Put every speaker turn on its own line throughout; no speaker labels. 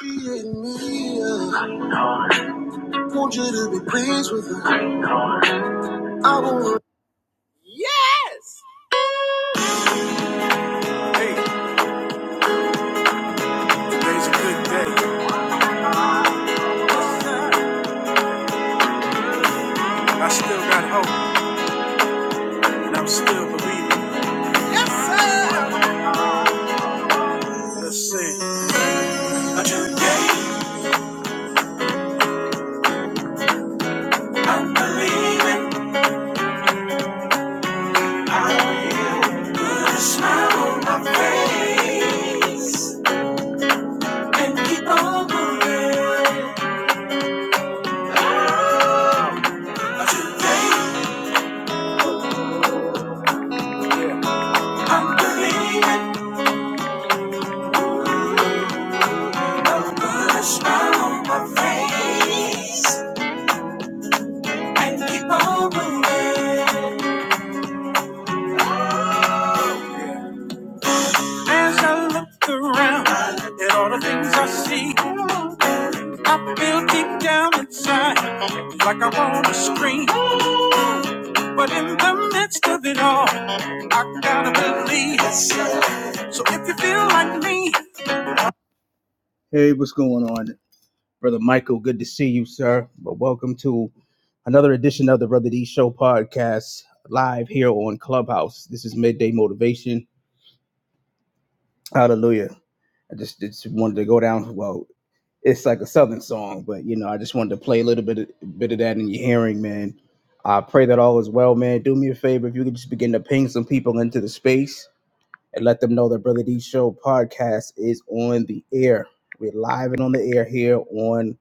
Want you to be pleased with her. I want. Yes! Hey, today's a good day. I still got hope, and I'm still believing. Let's sing. Today I'm believing. Smile on my face. And keep on believing. I'm believing. I'm gonna smile on my face. And keep on believing. As I look around at all the things I see, I feel deep down inside like I want to scream. But in the midst of it all, I gotta believe. So if you feel like me. Hey, what's going on? Brother Michael, good to see you, sir. But welcome to another edition of the Brother D Show podcast live here on Clubhouse. This is Midday Motivation. Hallelujah. I just, just wanted to go down. Well, it's like a southern song, but you know, I just wanted to play a little bit of, bit of that in your hearing, man. I pray that all is well, man. Do me a favor if you could just begin to ping some people into the space and let them know that Brother D Show podcast is on the air. We're live and on the air here on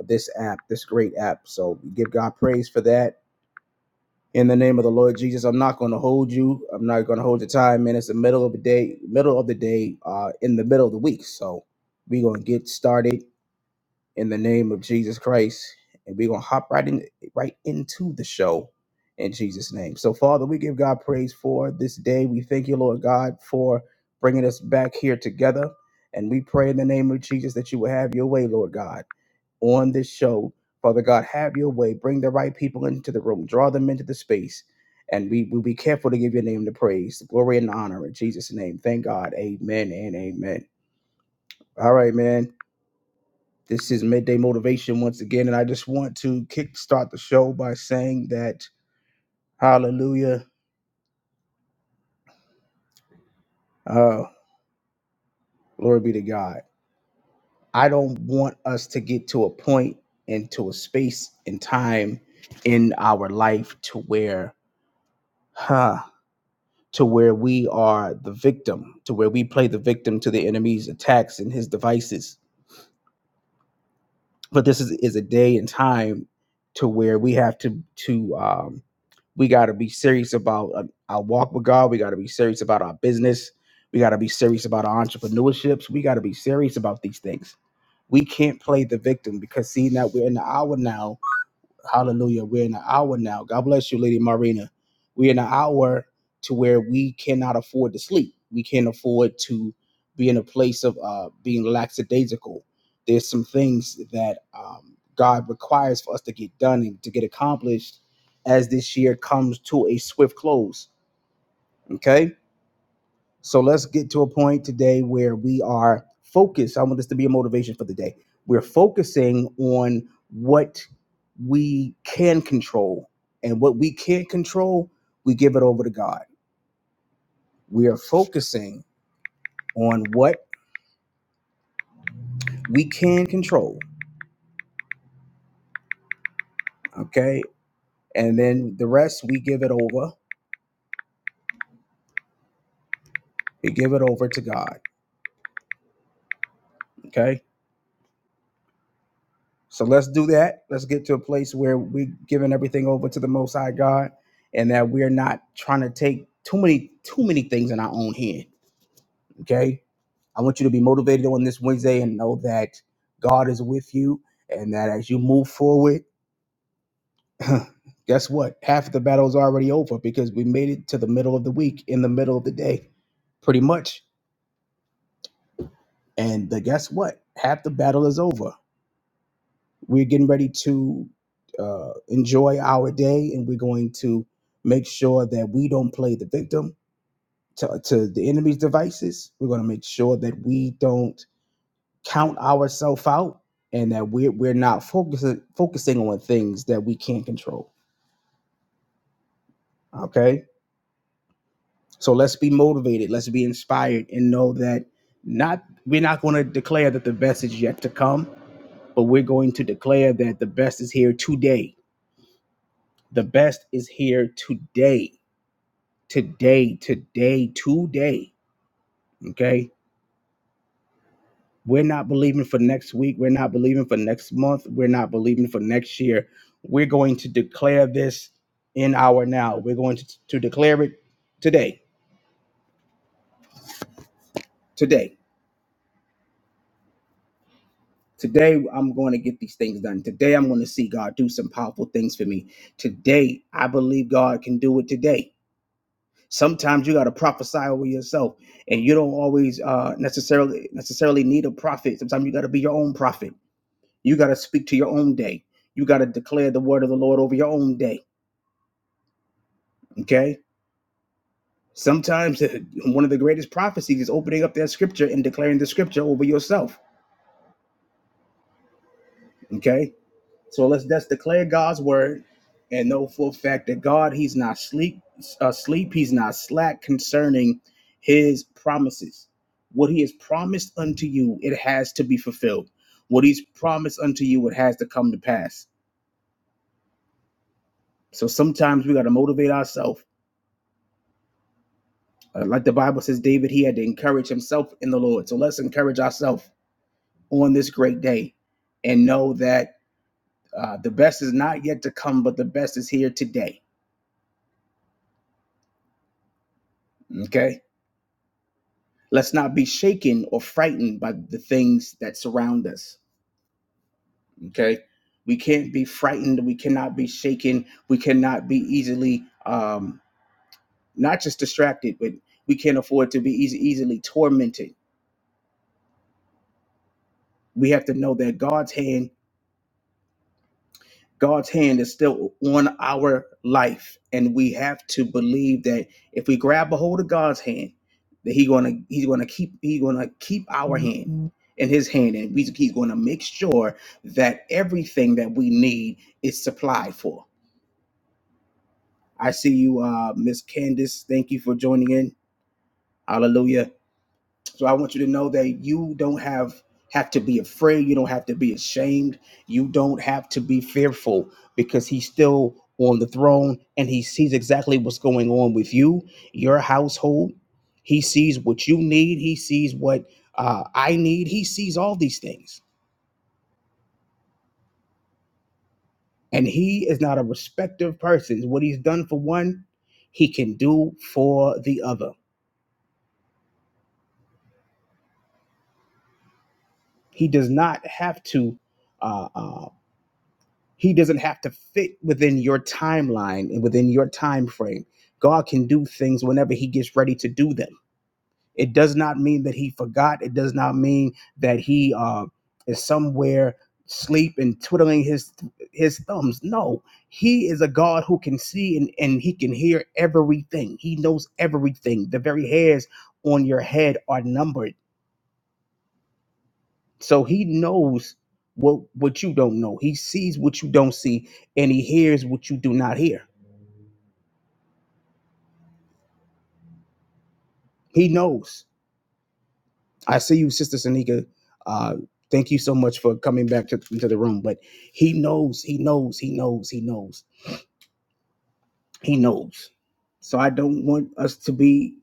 this app, this great app. So we give God praise for that. In the name of the Lord Jesus, I'm not going to hold you. I'm not going to hold your time, man. It's the middle of the day, middle of the day, uh, in the middle of the week. So we're going to get started in the name of Jesus Christ. And we're gonna hop right in right into the show in Jesus' name. So, Father, we give God praise for this day. We thank you, Lord God, for bringing us back here together. And we pray in the name of Jesus that you will have your way, Lord God on this show. Father God, have your way. Bring the right people into the room. Draw them into the space. And we will be careful to give your name the praise, the glory, and the honor in Jesus' name. Thank God. Amen and amen. All right, man. This is Midday Motivation once again, and I just want to kickstart the show by saying that, hallelujah, uh, glory be to God. I don't want us to get to a point and to a space and time in our life to where, huh, to where we are the victim, to where we play the victim to the enemy's attacks and his devices but this is, is a day and time to where we have to to um we got to be serious about uh, our walk with god we got to be serious about our business we got to be serious about our entrepreneurships we got to be serious about these things we can't play the victim because seeing that we're in the hour now Hallelujah. We're in an hour now. God bless you, Lady Marina. We're in an hour to where we cannot afford to sleep. We can't afford to be in a place of uh, being lackadaisical. There's some things that um, God requires for us to get done and to get accomplished as this year comes to a swift close. Okay so let's get to a point today where we are focused. I want this to be a motivation for the day. We're focusing on what we can control. And what we can't control, we give it over to God. We are focusing on what we can control. Okay. And then the rest, we give it over. We give it over to God. Okay So let's do that. Let's get to a place where we're giving everything over to the Most High God, and that we're not trying to take too many too many things in our own hand. Okay, I want you to be motivated on this Wednesday and know that God is with you, and that as you move forward, guess what? Half of the battle is already over because we made it to the middle of the week, in the middle of the day, pretty much. And the, guess what? Half the battle is over. We're getting ready to uh, enjoy our day, and we're going to make sure that we don't play the victim to, to the enemy's devices. We're going to make sure that we don't count ourselves out, and that we're we're not focusing focusing on things that we can't control. Okay, so let's be motivated. Let's be inspired, and know that not we're not going to declare that the best is yet to come, but we're going to declare that the best is here today. The best is here today today, today, today. Okay. We're not believing for next week. We're not believing for next month. We're not believing for next year. We're going to declare this in our now. We're going to, to declare it today. Today. Today, I'm going to get these things done. Today, I'm going to see God do some powerful things for me. Today, I believe God can do it today. Sometimes you got to prophesy over yourself, and you don't always uh, necessarily necessarily need a prophet. Sometimes you got to be your own prophet You got to speak to your own day. You got to declare the word of the Lord over your own day. Okay? Sometimes uh, one of the greatest prophecies is opening up that scripture and declaring the scripture over yourself. Okay? So let's just declare God's word and know for a fact that God, He's not sleep, asleep, He's not slack concerning His promises. What He has promised unto you, it has to be fulfilled. What He's promised unto you, it has to come to pass. So sometimes we got to motivate ourselves Uh, like the Bible says, David, he had to encourage himself in the Lord. So let's encourage ourselves on this great day and know that uh, the best is not yet to come, but the best is here today. Okay. Let's not be shaken or frightened by the things that surround us. Okay. We can't be frightened. We cannot be shaken. We cannot be easily, um, not just distracted, but we can't afford to be easy, easily tormented. We have to know that God's hand God's hand is still on our life, and we have to believe that if we grab a hold of God's hand, that He gonna He's gonna keep He's gonna keep our hand Mhm. in His hand, and we, He's gonna make sure that everything that we need is supplied for. I see you, uh, Miss Candace. Thank you for joining in. Hallelujah. So I want you to know that you don't have have to be afraid, you don't have to be ashamed, you don't have to be fearful because he's still on the throne and he sees exactly what's going on with you, your household. He sees what you need, he sees what uh, I need, he sees all these things. And he is not a respecter of persons. What he's done for one, he can do for the other. He does not have to uh, uh, he doesn't have to fit within your timeline and within your time frame god can do things whenever he gets ready to do them it does not mean that he forgot it does not mean that he uh, is somewhere sleep and twiddling his his thumbs no he is a god who can see and, and he can hear everything he knows everything the very hairs on your head are numbered so he knows what what you don't know. He sees what you don't see, and he hears what you do not hear. He knows. I see you, Sister Sanika. Uh, thank you so much for coming back to, into the room. But he knows. He knows. He knows. He knows. He knows. So I don't want us to be.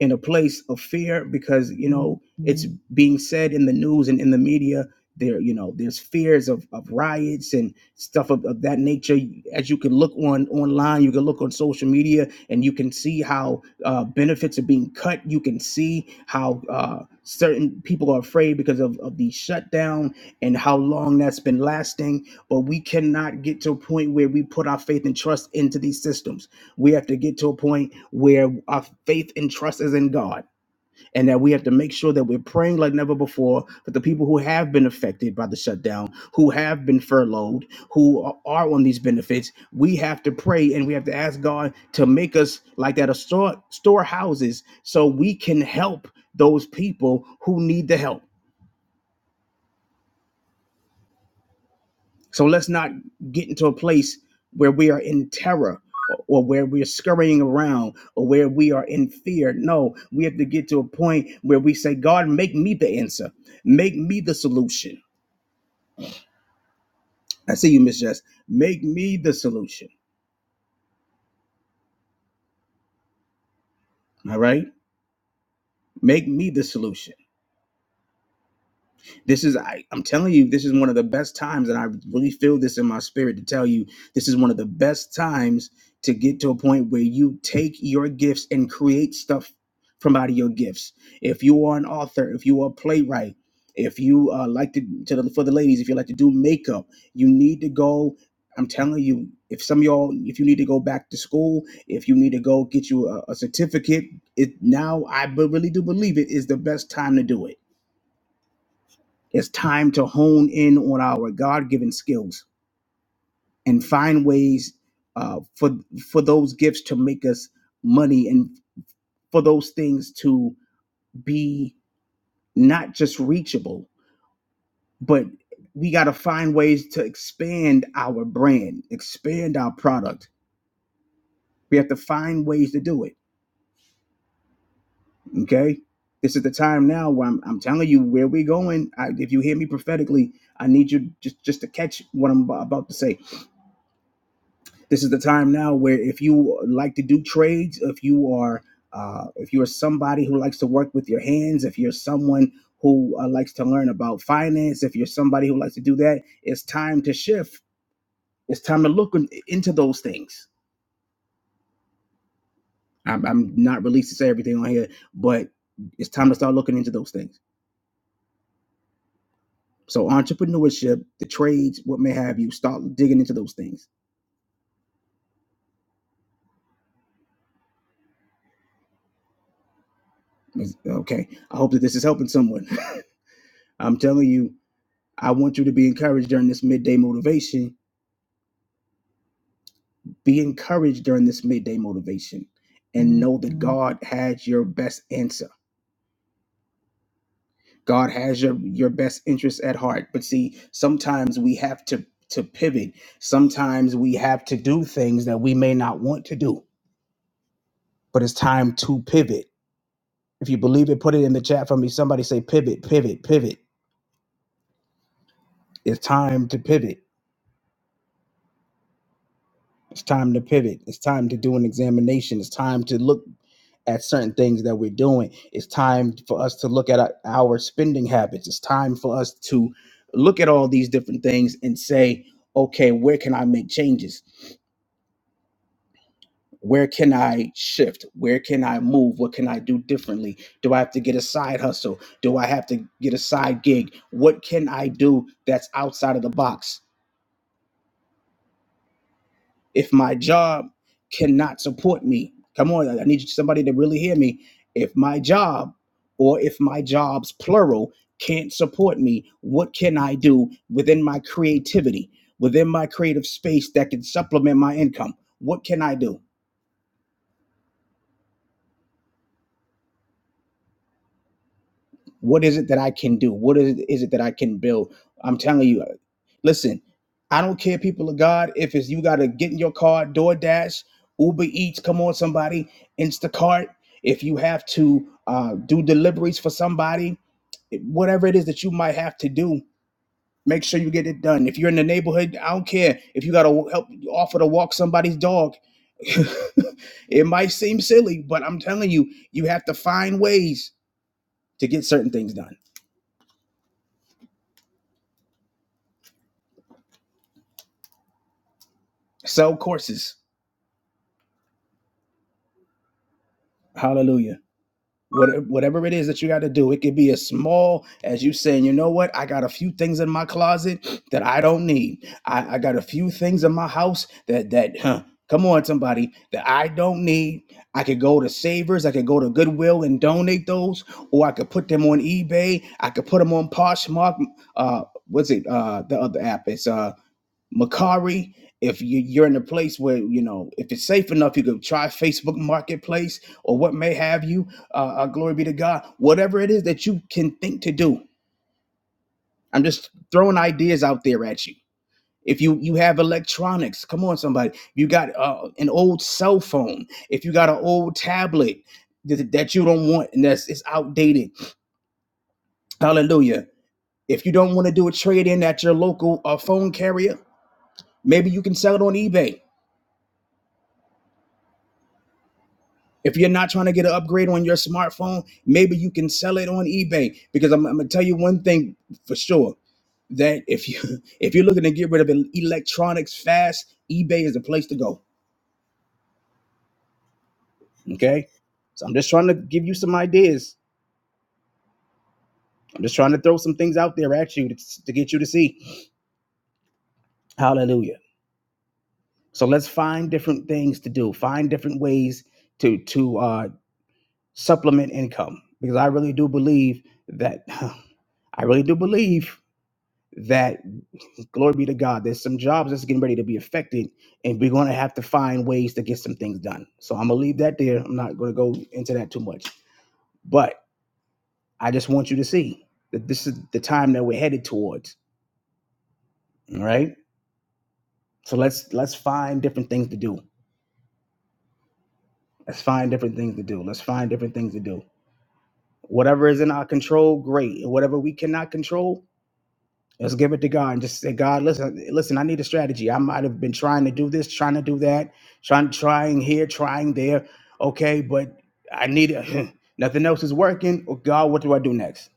in a place of fear because you know mm-hmm. it's Mhm. being said in the news and in the media there you know there's fears of, of riots and stuff of, of that nature as you can look on online you can look on social media and you can see how uh, benefits are being cut you can see how uh, certain people are afraid because of, of the shutdown and how long that's been lasting but we cannot get to a point where we put our faith and trust into these systems we have to get to a point where our faith and trust is in God, and that we have to make sure that we're praying like never before for the people who have been affected by the shutdown, who have been furloughed, who are are on these benefits. We have to pray and we have to ask God to make us like that of store storehouses so we can help those people who need the help So let's not get into a place where we are in terror or where we're scurrying around or where we are in fear. No, we have to get to a point where we say, God, make me the answer, make me the solution. I see you, Miss Jess. Make me the solution. All right? Make me the solution. This is I, I'm telling you, this is one of the best times, and I really feel this in my spirit to tell you, this is one of the best times to get to a point where you take your gifts and create stuff from out of your gifts. If you are an author, if you are a playwright, if you uh, like to, to the, for the ladies, if you like to do makeup, you need to go. I'm telling you, if some of y'all, if you need to go back to school, if you need to go get you a, a certificate, it now I be- really do believe it is the best time to do it it's time to hone in on our God given skills and find ways uh, for for those gifts to make us money and for those things to be not just reachable, but we got to find ways to expand our brand, expand our product. We have to find ways to do it. Okay. This is the time now where I'm, I'm telling you where we're going. I, if you hear me prophetically, I need you just, just to catch what I'm about to say this is the time now where if you like to do trades if you are uh, if you're somebody who likes to work with your hands if you're someone who uh, likes to learn about finance if you're somebody who likes to do that it's time to shift it's time to look in- into those things i'm, I'm not released to say everything on here but it's time to start looking into those things so entrepreneurship the trades what may have you start digging into those things okay i hope that this is helping someone i'm telling you I want you to be encouraged during this midday motivation. Be encouraged during this midday motivation and know that Mhm. God has your best answer. God has your your best interest at heart. But see, sometimes we have to to pivot. Sometimes we have to do things that we may not want to do, but it's time to pivot. If you believe it, put it in the chat for me. Somebody say pivot, pivot, pivot. It's time to pivot. It's time to pivot. It's time to do an examination. It's time to look at certain things that we're doing. It's time for us to look at our, our spending habits. It's time for us to look at all these different things and say, okay, where can I make changes? Where can I shift? Where can I move? What can I do differently? Do I have to get a side hustle? Do I have to get a side gig? What can I do that's outside of the box? if my job cannot support me come on i need somebody to really hear me if my job or if my jobs plural can't support me what can i do within my creativity within my creative space that can supplement my income what can i do What is it that I can do? What is it is it that I can build? I'm telling you, listen, I don't care, people of God, if it's you got to get in your car, DoorDash, Uber Eats, come on, somebody, Instacart, if you have to uh, do deliveries for somebody, whatever it is that you might have to do, make sure you get it done. If you're in the neighborhood, I don't care. If you got to help offer to walk somebody's dog, it might seem silly, but I'm telling you, you have to find ways to get certain things done. sell courses hallelujah whatever, whatever it is that you got to do it could be as small as you saying you know what i got a few things in my closet that i don't need i, I got a few things in my house that that huh, come on somebody that i don't need i could go to savers i could go to goodwill and donate those or i could put them on ebay i could put them on poshmark uh what's it uh the other app it's uh Macari, if you, you're in a place where you know if it's safe enough, you could try Facebook Marketplace or what may have you. Uh, uh, glory be to God. Whatever it is that you can think to do, I'm just throwing ideas out there at you. If you you have electronics, come on, somebody. You got uh, an old cell phone. If you got an old tablet that, that you don't want and that's it's outdated, hallelujah. If you don't want to do a trade in at your local uh, phone carrier, maybe you can sell it on eBay If you're not trying to get an upgrade on your smartphone, maybe you can sell it on eBay. Because I'm, I'm gonna tell you one thing for sure that if you if you're looking to get rid of electronics fast, eBay is the place to go. Okay, so I'm just trying to give you some ideas. I'm just trying to throw some things out there at you to, to get you to see. Hallelujah. So let's find different things to do. Find different ways to to uh, supplement income because I really do believe that I really do believe that. Glory be to God. There's some jobs that's getting ready to be affected, and we're going to have to find ways to get some things done. So I'm going to leave that there. I'm not going to go into that too much. But I just want you to see that this is the time that we're headed towards. All right. So let's let's find different things to do. Let's find different things to do. Let's find different things to do. Whatever is in our control, great. Whatever we cannot control, Let's give it to God and just say, God, listen, listen, I need a strategy. I might have been trying to do this, trying to do that, trying trying here, trying there. Okay, but I need it. nothing else is working. Oh, God, what do I do next?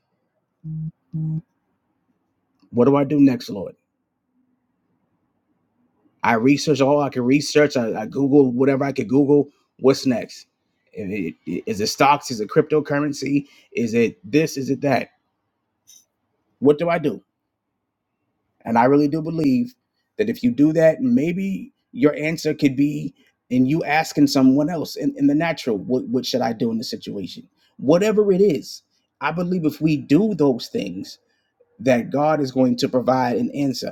What do I do next, Lord? I research all I can research. I, I Google whatever I could Google. What's next? Is it, is it stocks? Is it cryptocurrency? Is it this? Is it that? What do I do? And I really do believe that if you do that, maybe your answer could be in you asking someone else in, in the natural, what, what should I do in this situation? Whatever it is, I believe if we do those things, that God is going to provide an answer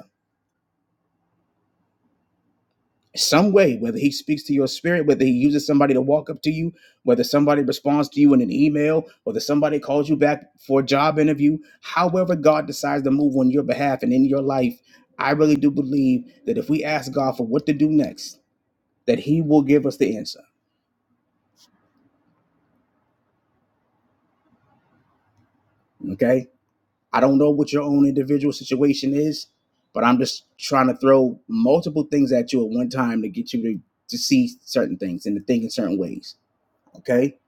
some way, whether he speaks to your spirit, whether he uses somebody to walk up to you, whether somebody responds to you in an email, whether somebody calls you back for a job interview, however God decides to move on your behalf and in your life, I really do believe that if we ask God for what to do next, that he will give us the answer. Okay? I don't know what your own individual situation is, but I'm just trying to throw multiple things at you at one time to get you to, to see certain things and to think in certain ways. Okay?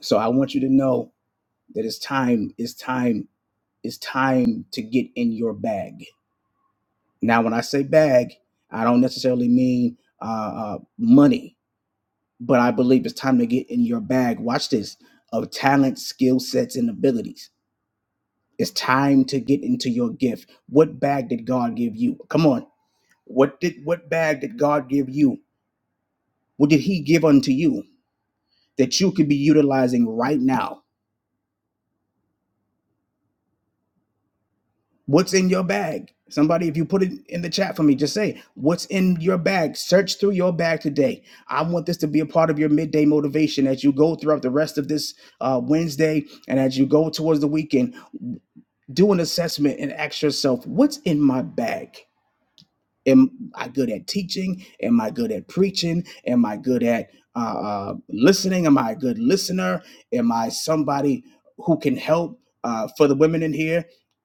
So I want you to know that it's time it's time it's time to get in your bag now when i say bag i don't necessarily mean uh, uh money but i believe it's time to get in your bag watch this of talent skill sets and abilities it's time to get into your gift what bag did god give you come on what did what bag did god give you what did he give unto you that you could be utilizing right now What's in your bag? Somebody, if you put it in the chat for me, just say, What's in your bag? Search through your bag today. I want this to be a part of your midday motivation as you go throughout the rest of this uh, Wednesday and as you go towards the weekend. Do an assessment and ask yourself, What's in my bag? Am I good at teaching? Am I good at preaching? Am I good at uh, uh, listening? Am I a good listener? Am I somebody who can help uh, for the women in here?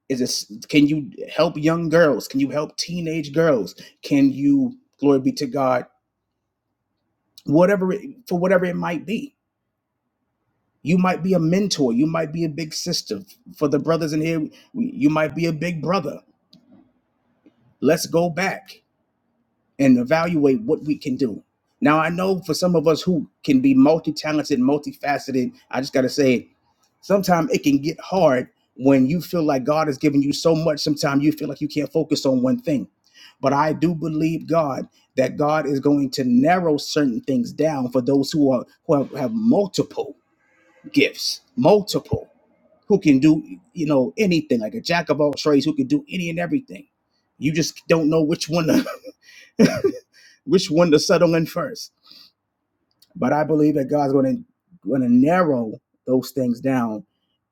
Is this, can you help young girls? Can you help teenage girls? Can you, glory be to God, whatever it, for whatever it might be? You might be a mentor. You might be a big sister. For the brothers in here, you might be a big brother. Let's go back. and evaluate what we can do. Now, I know for some of us who can be multi talented, multifaceted, I just got to say Sometimes it can get hard when you feel like God has given you so much. Sometimes you feel like you can't focus on one thing. But I do believe God that God is going to narrow certain things down for those who are who have, have multiple gifts, multiple who can do you know anything like a jack of all trades who can do any and everything. You just don't know which one to which one to settle in first. But I believe that God's going to going to narrow those things down,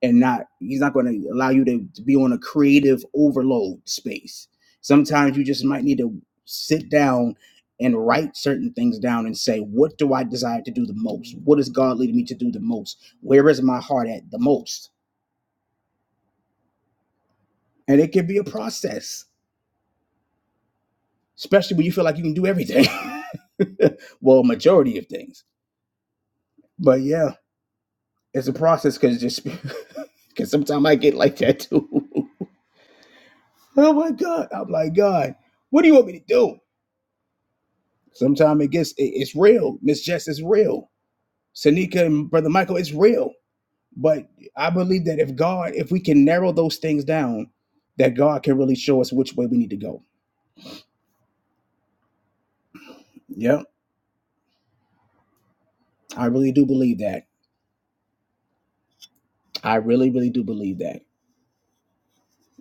and not He's not going to allow you to, to be on a creative overload space. Sometimes you just might need to sit down and write certain things down and say, what do I desire to do the most? What is God leading me to do the most? Where is my heart at the most? And it can be a process, especially when you feel like you can do everything. well, majority of things. But yeah. It's a process because just because sometimes I get like that too. oh my god! I'm like God. What do you want me to do? Sometimes it gets it, it's real. Miss Jess is real. Sanika and Brother Michael is real. But I believe that if God, if we can narrow those things down, that God can really show us which way we need to go. Yep, I really do believe that. I really, really do believe that.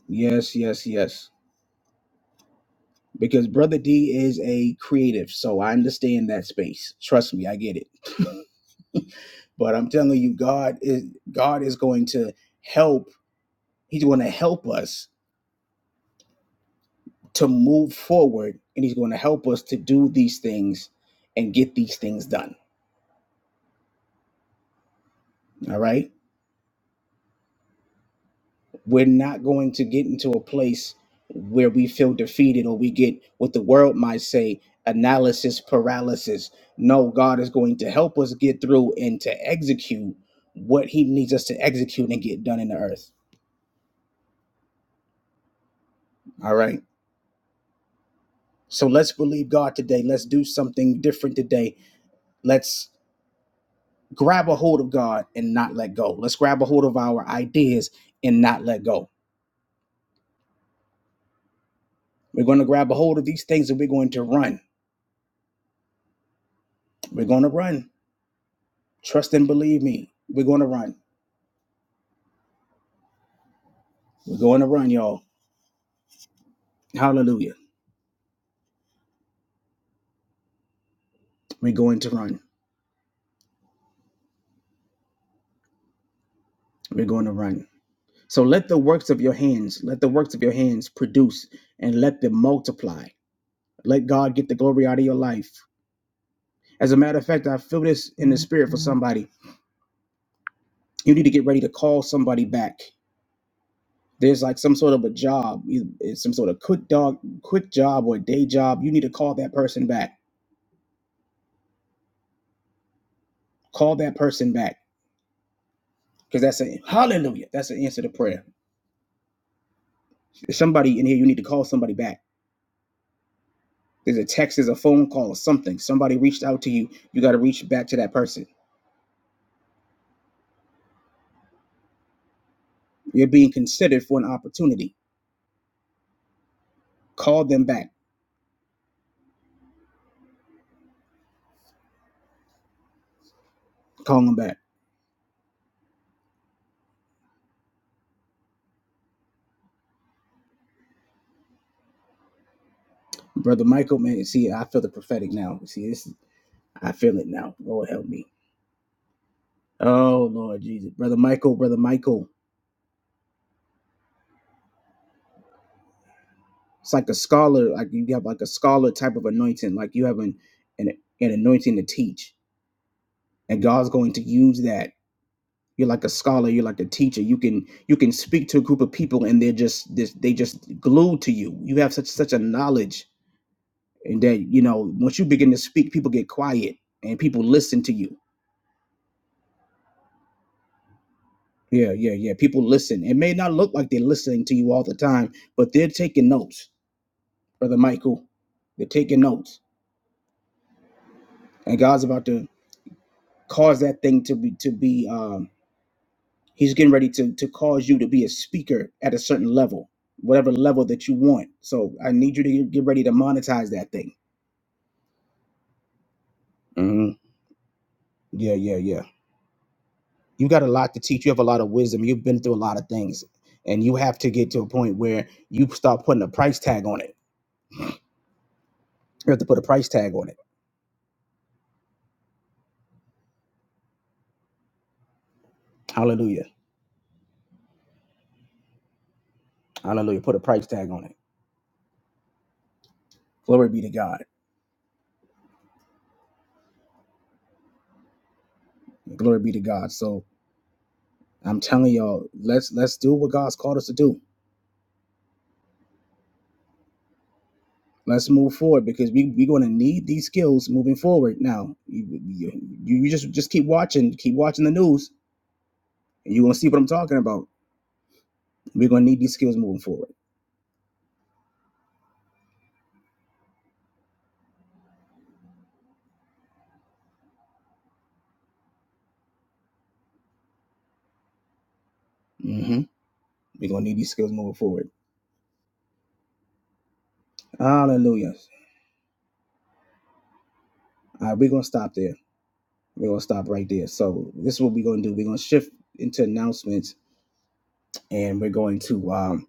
Yes, yes, yes. Because Brother D is a creative, so I understand that space. Trust me, I get it. But I'm telling you, God is God is going to help. He's going to help us to move forward, and He's going to help us to do these things and get these things done. All right, we're not going to get into a place where we feel defeated or we get what the world might say analysis paralysis. No, God is going to help us get through and to execute what He needs us to execute and get done in the earth. All right. So let's believe God today. Let's do something different today Let's grab a hold of God and not let go. Let's grab a hold of our ideas and not let go. We're going to grab a hold of these things and we're going to run. We're going to run. Trust and believe me. We're going to run. We're going to run, y'all. Hallelujah. We're going to run. We're going to run. So let the works of your hands, let the works of your hands produce and let them multiply. Let God get the glory out of your life. As a matter of fact, I feel this in the spirit for somebody. You need to get ready to call somebody back. there's like some sort of a job, either- it's some sort of quick dog, quick job or day job. You need to call that person back. Call that person back because that's a hallelujah. That's an answer to prayer. There's somebody in here. You need to call somebody back. There's a text, there's a phone call, or something. Somebody reached out to you. You got to reach back to that person. You're being considered for an opportunity. Call them back. Call them back, brother Michael. Man, see, I feel the prophetic now. See, this, I feel it now. Lord help me. Oh Lord Jesus, brother Michael, brother Michael. It's like a scholar, like you have like a scholar type of anointing, like you have an an, an anointing to teach, and God's going to use that. You're like a scholar, you're like a teacher. You can you can speak to a group of people, and they're just this they just glued to you. You have such such a knowledge, and that you know once you begin to speak, people get quiet and people listen to you. Yeah, yeah, yeah. People listen. It may not look like they're listening to you all the time, but they're taking notes, brother Michael. They're taking notes, and God's about to cause that thing to be to be um he's getting ready to to cause you to be a speaker at a certain level whatever level that you want so i need you to get ready to monetize that thing hmm yeah yeah yeah you got a lot to teach you have a lot of wisdom you've been through a lot of things and you have to get to a point where you start putting a price tag on it you have to put a price tag on it hallelujah hallelujah put a price tag on it glory be to god glory be to god so i'm telling y'all let's let's do what god's called us to do let's move forward because we, we're going to need these skills moving forward now you, you, you just just keep watching keep watching the news and you're going to see what i'm talking about we're going to need these skills moving forward hmm we're going to need these skills moving forward hallelujah all right we're going to stop there we're going to stop right there so this is what we're going to do we're going to shift into announcements and we're going to um,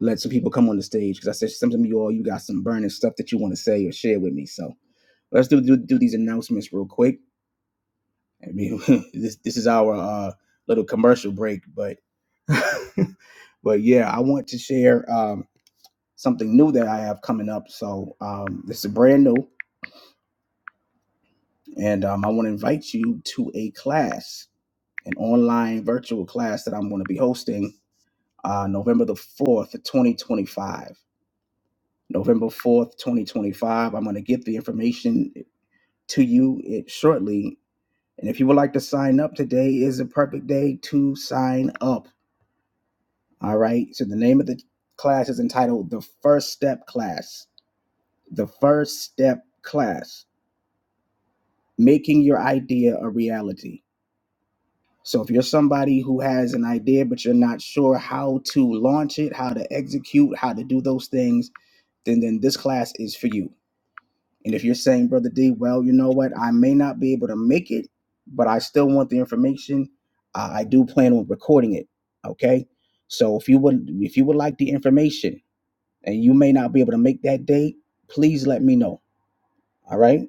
let some people come on the stage because i said some of you all you got some burning stuff that you want to say or share with me so let's do, do do these announcements real quick I mean, this this is our uh, little commercial break, but but yeah, I want to share um, something new that I have coming up. So um, this is brand new, and um, I want to invite you to a class, an online virtual class that I'm going to be hosting uh, November the fourth, 2025. November 4th, 2025. I'm going to get the information to you it, shortly. And if you would like to sign up, today is a perfect day to sign up All right. So the name of the class is entitled The First Step Class. The First Step Class, making your idea a reality. So if you're somebody who has an idea, but you're not sure how to launch it, how to execute, how to do those things, then, then this class is for you. And if you're saying, Brother D, well, you know what? I may not be able to make it, but I still want the information. I I do plan on recording it. Okay. So if you would if you would like the information, and you may not be able to make that date, please let me know. All right.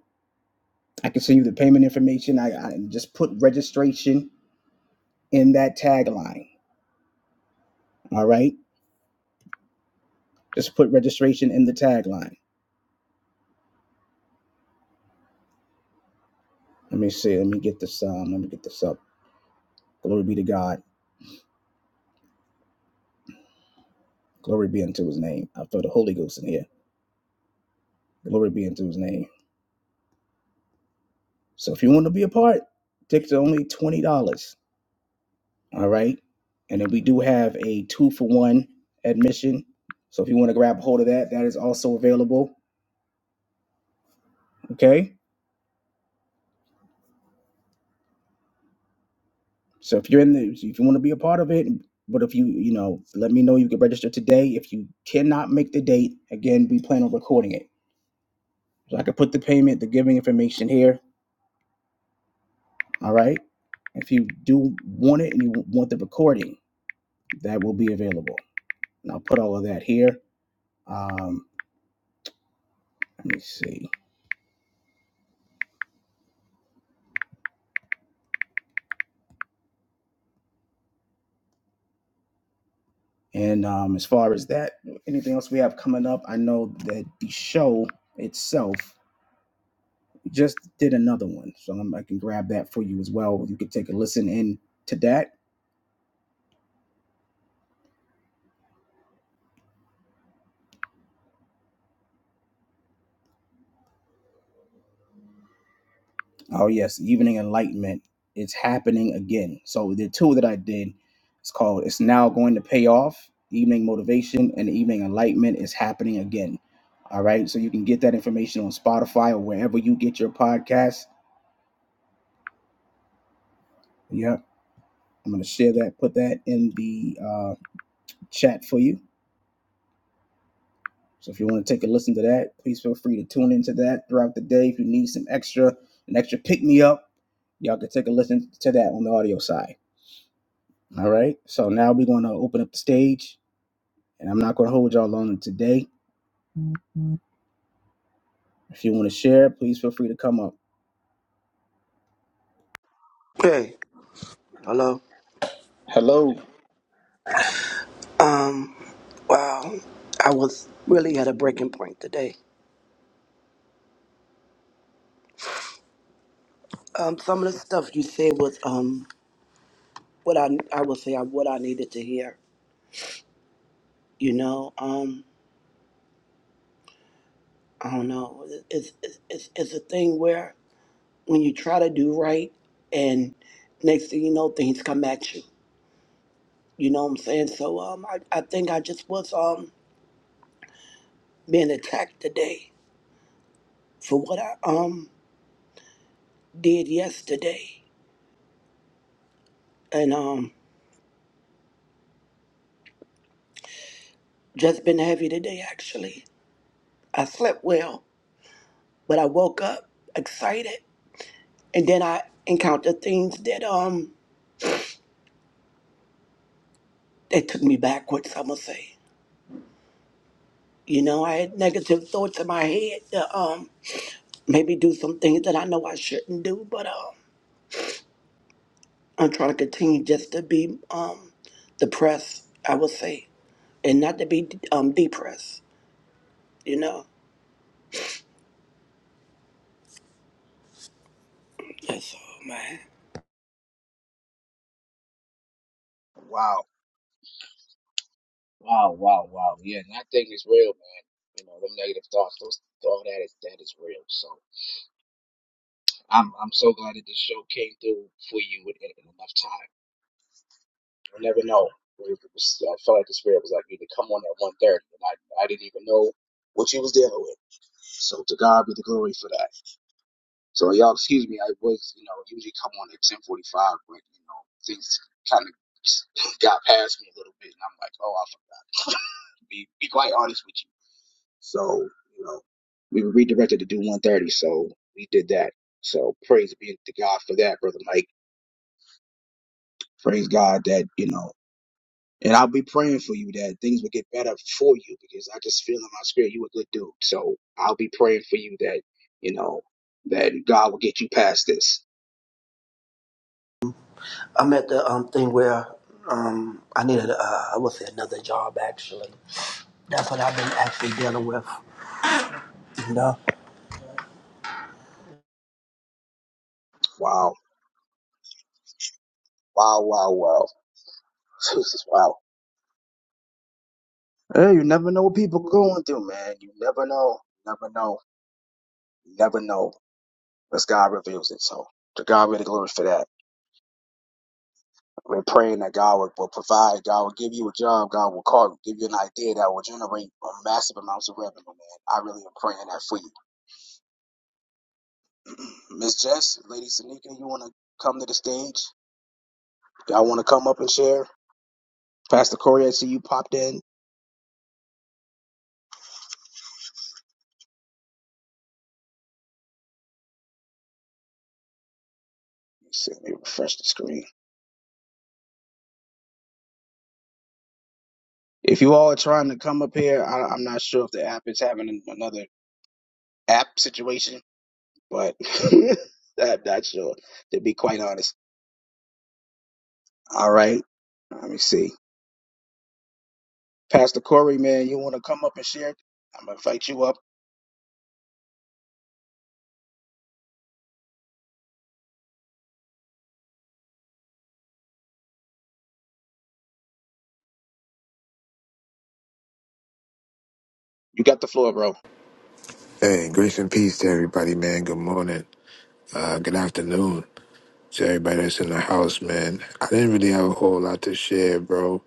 I can send you the payment information. I, I just put registration in that tagline. All right. Just put registration in the tagline. Let me see. Let me get this. Um, let me get this up. Glory be to God. Glory be unto his name. I feel the Holy Ghost in here. Glory be unto his name. So if you want to be a part, tickets are only $20. All right. And then we do have a two for one admission. So if you want to grab hold of that, that is also available. Okay So if you're in the, if you want to be a part of it, but if you, you know, let me know you can register today. If you cannot make the date, again, we plan on recording it. So I could put the payment, the giving information here. All right. If you do want it and you want the recording, that will be available. And I'll put all of that here. Um, let me see. And um, as far as that, anything else we have coming up, I know that the show itself just did another one, so I'm, I can grab that for you as well. You could take a listen in to that. Oh yes, Evening Enlightenment. It's happening again. So the two that I did, it's called "It's Now Going to Pay Off." Evening Motivation and Evening Enlightenment is happening again. All right, so you can get that information on Spotify or wherever you get your podcasts. Yeah, I'm gonna share that, put that in the uh, chat for you So if you want to take a listen to that, please feel free to tune into that throughout the day. If you need some extra, an extra pick me up, y'all can take a listen to that on the audio side. All right. So now we're going to open up the stage, and I'm not going to hold y'all longer today. If you want to share, please feel free to come up.
Hey, hello. Um, wow, I was really at a breaking point today. Um, some of the stuff you said was um what I I would say I what I needed to hear. You know, um, I don't know. It's it's it's, it's a thing where when you try to do right, and next thing you know, things come at you. You know what I'm saying? So um, I I think I just was um being attacked today for what I um did yesterday, and um just been heavy today actually I slept well, but I woke up excited, and then I encountered things that um that took me backwards. i must say, you know, I had negative thoughts in my head to um maybe do some things that I know I shouldn't do, but um I'm trying to continue just to be um depressed. I would say, and not to be um depressed. You know, yes, oh man.
So y'all, excuse me. I was, you know, usually come on at ten forty five, but you know, things kind of got past me a little bit, and I'm like, oh, I forgot. Be be quite honest with you. So, you know, we were redirected to do 130, so we did that. So praise be to God for that, brother Mike. Praise God that, you know, and I'll be praying for you that things will get better for you because I just feel in my spirit you a good dude. So I'll be praying for you that, you know, that God will get you past this.
I'm at the um thing where um I needed uh, I would say another job actually. That's what I've been actually dealing with. No.
Wow. Wow, wow, wow. Jesus, wow. Hey, you never know what people going through, man. You never know. Never know. Never know. As God reveals it. So to God be the glory for that. We're praying that God will, will provide, God will give you a job, God will call you, give you an idea that will generate uh, massive amounts of revenue, man. I really am praying that for you. Miss Jess, Lady Sanika, you want to come to the stage? Y'all want to come up and share? Pastor Corey, I see you popped in. Let's see, let me refresh the screen. If you all are trying to come up here, I, I'm not sure if the app is having an- another app situation, but I'm not sure, to be quite honest. All right, let me see. Pastor Corey, man, you want to come up and share? I'm gonna invite you up. You got the floor, bro.
Hey, grace and peace to everybody, man. Good morning. Uh, good afternoon to everybody that's in the house, man. I didn't really have a whole lot to share, bro.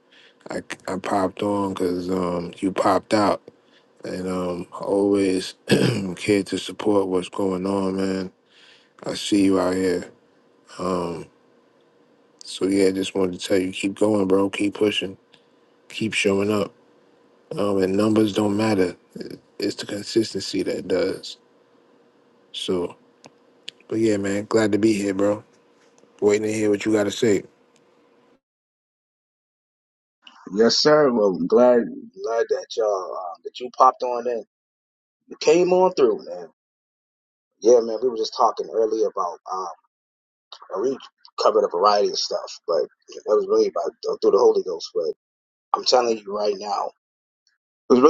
I, I popped on because um, you popped out. And um, I always care to support what's going on, man. I see you out here. Um, so, yeah, just wanted to tell you keep going, bro. Keep pushing. Keep showing up. Um, and numbers don't matter, It- it's the consistency that does. So, but yeah, man, glad to be here, bro. Waiting to hear what you gotta say.
Man, man, that was how, that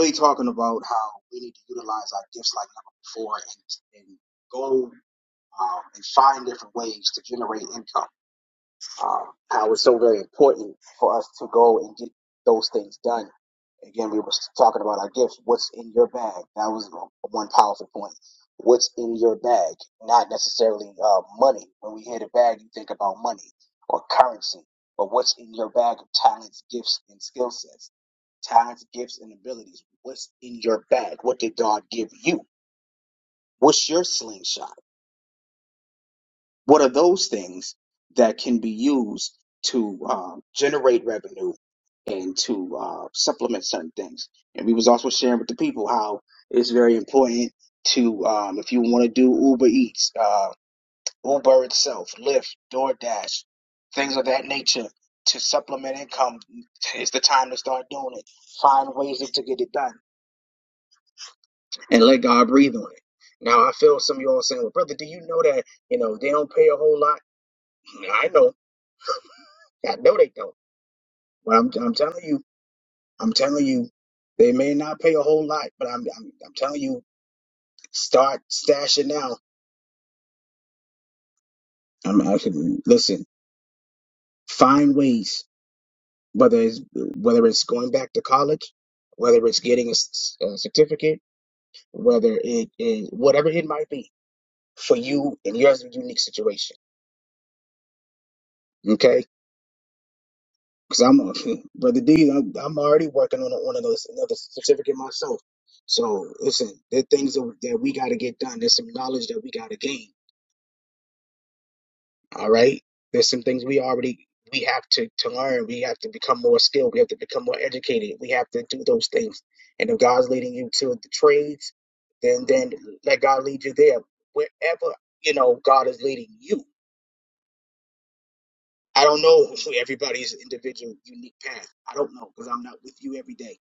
was how we need to utilize our gifts like never before and, and go um, and find different ways to generate income. um, how it's so very important for us to go and get those things done. Again, we were talking about our gifts. What's in your bag? That was one powerful point. What's in your bag? Not necessarily uh, money. When we hear the bag, you think about money or currency. But what's in your bag of talents, gifts, and skill sets? Talents, gifts, and abilities. What's in your bag? What did God give you? What's your slingshot? What are those things that can be used to um, generate revenue and to uh, supplement certain things? And we was also sharing with the people how it's very important to um, if you want to do Uber Eats, uh, Uber itself, Lyft, DoorDash, things of that nature to supplement income. It's the time to start doing it. Find ways to get it done and let God breathe on it. Now I feel some of you all saying, well, brother, do you know that, you know, they don't pay a whole lot? I know. I know they don't. But I'm, I'm telling you, I'm telling you, they may not pay a whole lot, but I'm, I'm, I'm telling you, start stashing now. I'm, I can, listen, find ways, whether it's, whether it's going back to college, whether it's getting a, s- a certificate, whether it is, whatever it might be for you and your unique situation. Okay Cause I'm a brother D. I'm, I'm already working on a, on another, another certificate myself. So listen, there are things that, that we got to get done. There's some knowledge that we got to gain. All right. There's some things we already we have to to learn. We have to become more skilled. We have to become more educated. We have to do those things. And if God's leading you to the trades, then then let God lead you there. Wherever you know God is leading you. I don't know everybody's individual unique path. I don't know because I'm not with you every day.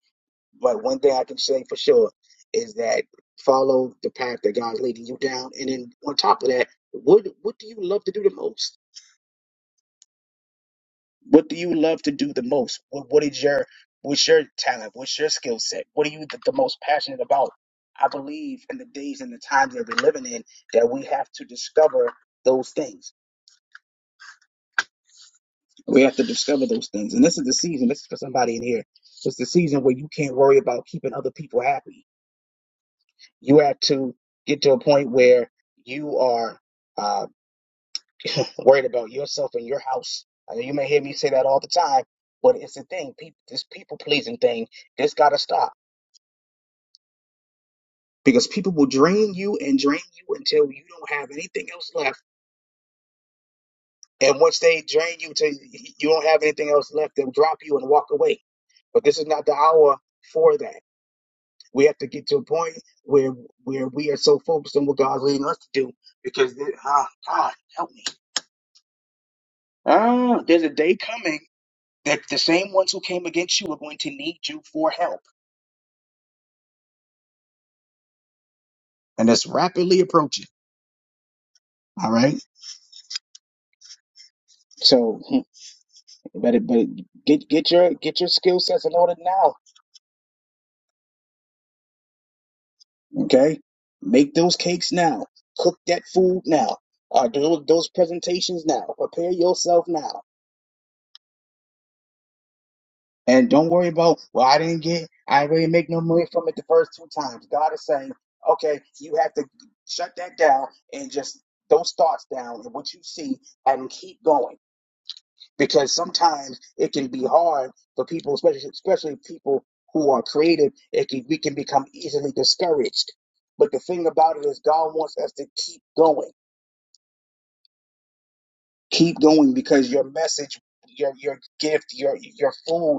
But one thing I can say for sure is that follow the path that God's leading you down. And then on top of that, what what do you love to do the most? What do you love to do the most? What what is your what's your talent? What's your skill set? What are you the, the most passionate about? I believe in the days and the times that we're living in that we have to discover those things. We have to discover those things. And this is the season, this is for somebody in here. It's the season where you can't worry about keeping other people happy You have to get to a point where you are uh, worried about yourself and your house. I know you may hear me say that all the time, but it's the thing. People, this people pleasing thing, this got to stop because people will drain you and drain you until you don't have anything else left. And once they drain you till you don't have anything else left, they'll drop you and walk away but this is not the hour for that. We have to get to a point where where we are so focused on what God's leading us to do because it, ah, God help me. Ah, there's a day coming that the same ones who came against you are going to need you for help, and it's rapidly approaching. All right. So, but it, but get get your get your skill sets in order now. Okay. Make those cakes now. Cook that food now. Uh, do those presentations now. Prepare yourself now. And don't worry about, well, I didn't get, I really make no money from it the first two times. God is saying, okay, you have to shut that down and just those thoughts down and what you see and keep going. Because sometimes it can be hard for people, especially especially people who are creative, it can, we can become easily discouraged. But the thing about it is God wants us to keep going. Keep going because your message, your your gift, your your food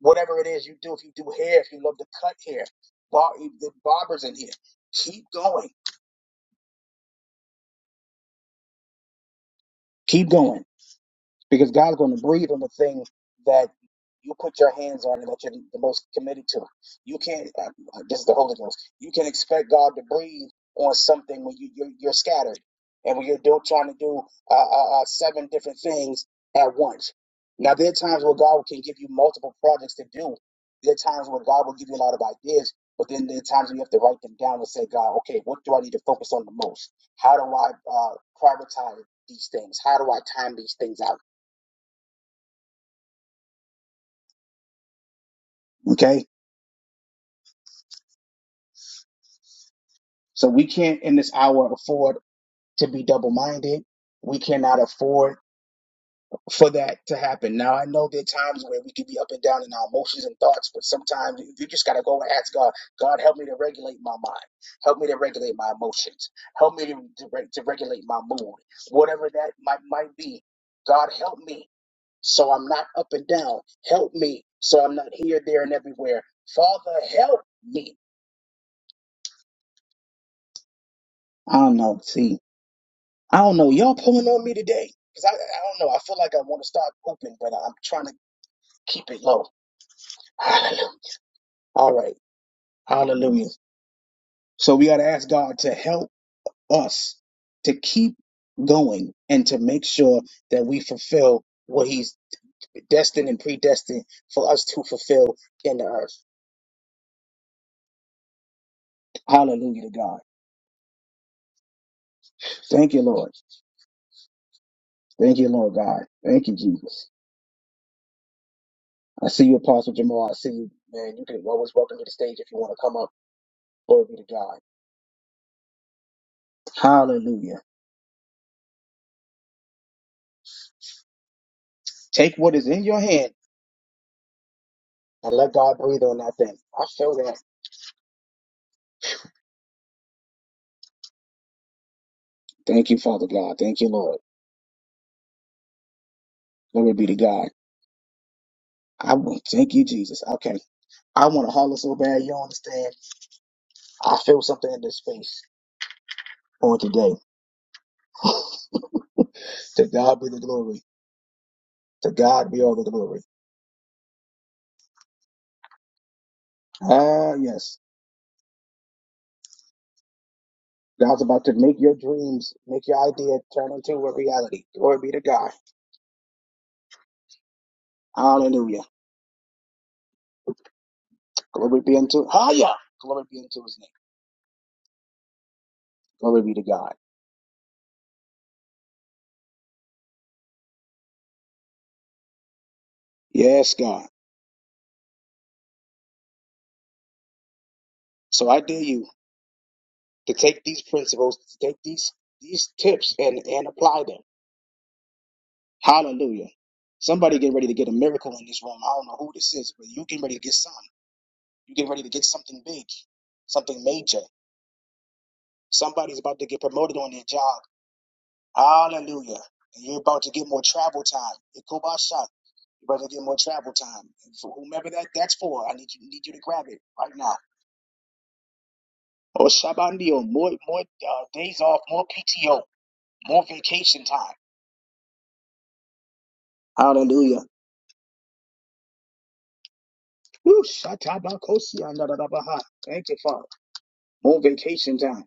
whatever it is you do, if you do hair, if you love to cut hair, bar, the barbers in here, keep going, keep going. because God's going to breathe on the thing that you put your hands on and that you're the most committed to. You can't. Uh, uh, this is the Holy Ghost. You can expect God to breathe on something when you you're, you're scattered and when you're do, trying to do uh, uh, uh, seven different things at once. Now there are times where God can give you multiple projects to do. There are times where God will give you a lot of ideas, but then there are times when you have to write them down and say, God, okay, what do I need to focus on the most? How do I uh, prioritize these things? How do I time these things out? Okay. So we can't in this hour afford to be double minded. We cannot afford for that to happen. Now, I know there are times where we can be up and down in our emotions and thoughts, but sometimes you just got to go and ask God, God, help me to regulate my mind. Help me to regulate my emotions. Help me to, to, reg- to regulate my mood. Whatever that might, might be, God, help me so I'm not up and down. Help me so I'm not here, there, and everywhere. Father, help me. I don't know. See, I don't know. Y'all pulling on me today? Because I, I don't know. I feel like I want to start pooping, but I'm trying to keep it low. Hallelujah. All right. Hallelujah. So we got to ask God to help us to keep going and to make sure that we fulfill what He's destined and predestined for us to fulfill in the earth. Hallelujah to God. Thank you, Lord. Thank you, Lord God. Thank you, Jesus. I see you, Apostle Jamal. I see you, man. You can always welcome to the stage if you want to come up. Glory be to God. Hallelujah. Take what is in your hand and let God breathe on that thing. I feel that. Thank you, Father God. Thank you, Lord. Glory be to God. I want thank you, Jesus. Okay. I want to holler so bad, you don't understand. I feel something in this space on today. to God be the glory. To God be all the glory. Ah, yes. God's about to make your dreams, make your idea turn into a reality. Glory be to God. Hallelujah. Glory be unto Hiya. Glory be unto his name. Glory be to God. Yes, God. So I dare you to take these principles, to take these these tips and and apply them. Hallelujah. Somebody get ready to get a miracle in this room. I don't know who this is, but you get ready to get some. You get ready to get something big, something major. Somebody's about to get promoted on their job. Hallelujah. And you're about to get more travel time. Ikobasha. You're about to get more travel time. And for whomever that, that's for, I need you need you to grab it right now. Oh Shabandio, more more uh, days off, more PTO, more vacation time. Hallelujah. Woo, shatabakosi andadadabaha. Thank you, Father. More vacation time.